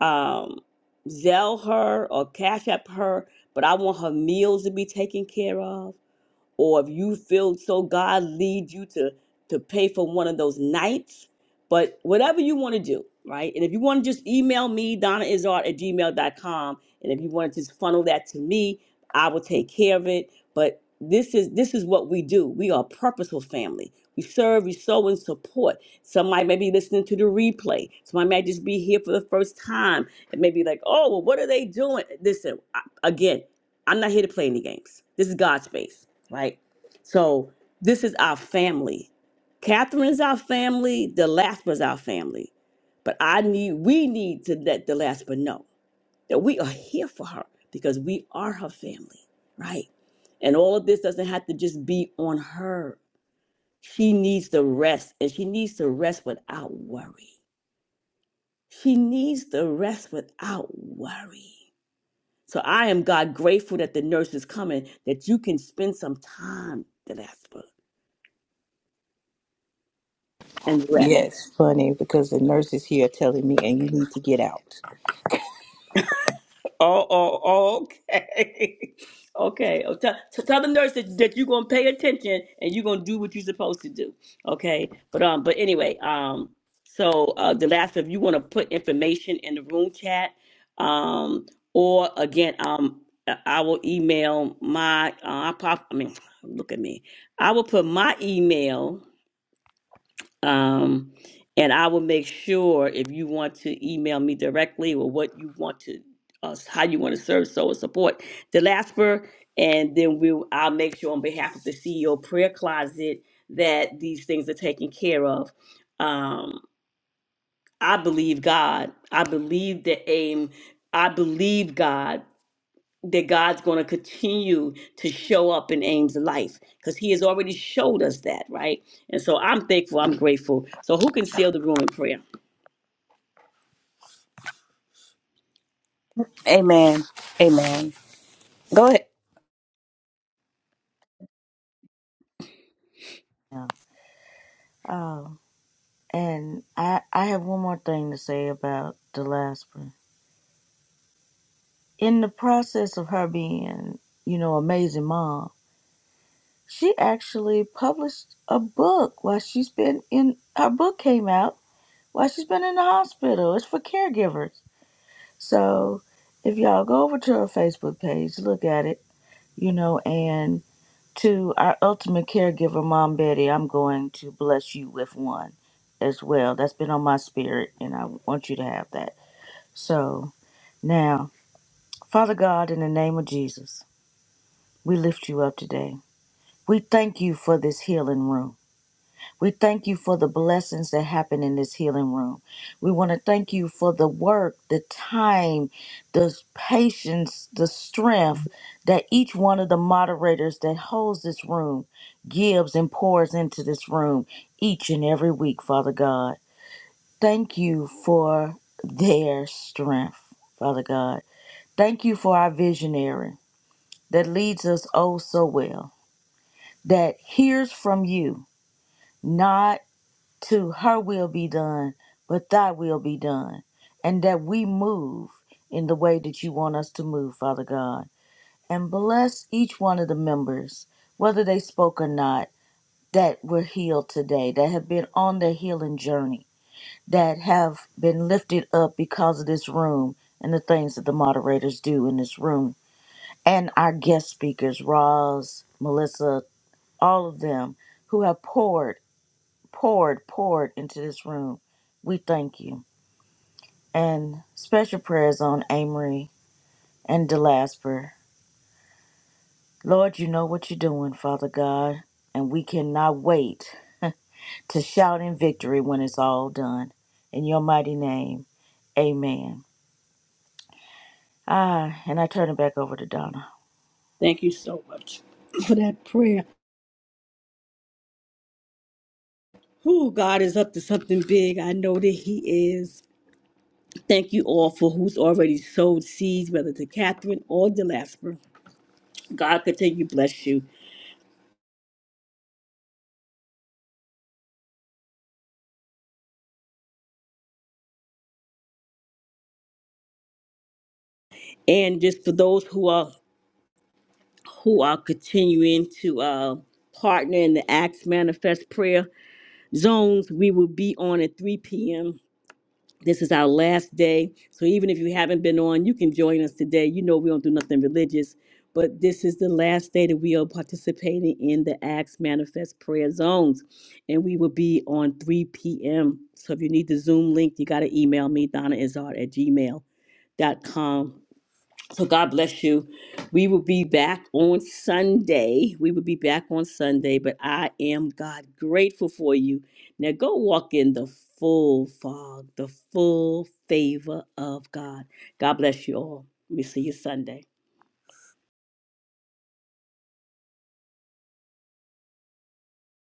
S3: um, Zell her or Cash App her, but I want her meals to be taken care of or if you feel so God leads you to to pay for one of those nights. But whatever you want to do, right? And if you want to just email me, Donna Izard at gmail dot com, And if you want to just funnel that to me, I will take care of it. But this is this is what we do. We are a purposeful family. We serve, we sow and support. Somebody may be listening to the replay. Somebody might just be here for the first time. It may be like, oh, well, what are they doing? Listen, I, again, I'm not here to play any games. This is God's space right? So this is our family. Catherine's our family, the Lasper's our family. But I need we need to let the Lasper know that we are here for her because we are her family, right? And all of this doesn't have to just be on her. She needs to rest and she needs to rest without worry. She needs to rest without worry. So I am God grateful that the nurse is coming, that you can spend some time, Delaspa. and rest.
S8: Yes, funny because the nurses here are telling me, and you need to get out.
S3: Oh, oh, oh, okay. okay. Oh, Tell, t- tell the nurse that, that you're gonna pay attention and you're gonna do what you're supposed to do. Okay. But um, but anyway, um, so uh the last if you wanna put information in the room chat, um, or again, um I I will email my uh I pop I mean look at me. I will put my email Um, and I will make sure if you want to email me directly or what you want to, uh, how you want to serve, so and support the LASPER, and then we, will I'll make sure on behalf of the CEO Prayer Closet that these things are taken care of. Um, I believe God. I believe the aim. I believe God that God's going to continue to show up in Ames' life because He has already showed us that, right? And so I'm thankful, I'm grateful. So, who can seal the room in prayer?
S6: Amen. Amen. Go ahead.
S7: Yeah. Oh. And I, I have one more thing to say about Delasper. In the process of her being, you know, amazing mom, she actually published a book while she's been in. Her book came out while she's been in the hospital. It's for caregivers. So if y'all go over to her Facebook page, look at it, you know, and to our ultimate caregiver, Mom Betty, I'm going to bless you with one as well. That's been on my spirit, and I want you to have that. So. Now, Father God, in the name of Jesus, we lift you up today. We thank you for this healing room. We thank you for the blessings that happen in this healing room. We want to thank you for the work, the time, the patience, the strength that each one of the moderators that holds this room gives and pours into this room each and every week, Father God. Thank you for their strength, Father God. Thank you for our visionary. that leads us oh so well, that hears from you, not to her will be done, but thy will be done, and that we move in the way that you want us to move, Father God. And bless each one of the members, whether they spoke or not, that were healed today, that have been on their healing journey, that have been lifted up because of this room and the things that the moderators do in this room. And our guest speakers, Roz, Melissa, all of them who have poured, poured, poured into this room. We thank you. And special prayers on Amory and DeLasper. Lord, you know what you're doing, Father God, and we cannot wait to shout in victory when it's all done. In your mighty name, amen. Ah, and I turn it back over to Donna.
S3: Thank you so much for that prayer. Who God is up to something big. I know that He is. Thank you all for who's already sowed seeds, whether to Catherine or Delasper. God continue to bless you. And just for those who are who are continuing to uh, partner in the Acts Manifest prayer, zones we will be on at 3 p.m. This is our last day. So even if you haven't been on, you can join us today. You know we don't do nothing religious, but this is the last day that we are participating in the Acts Manifest Prayer Zones. And we will be on 3 p.m. So if you need the Zoom link, you got to email me, Donna Izard at gmail.com so God bless you. We will be back on Sunday. We will be back on Sunday, but I am God grateful for you. Now go walk in the full fog, the full favor of God. God bless you all. We see you Sunday.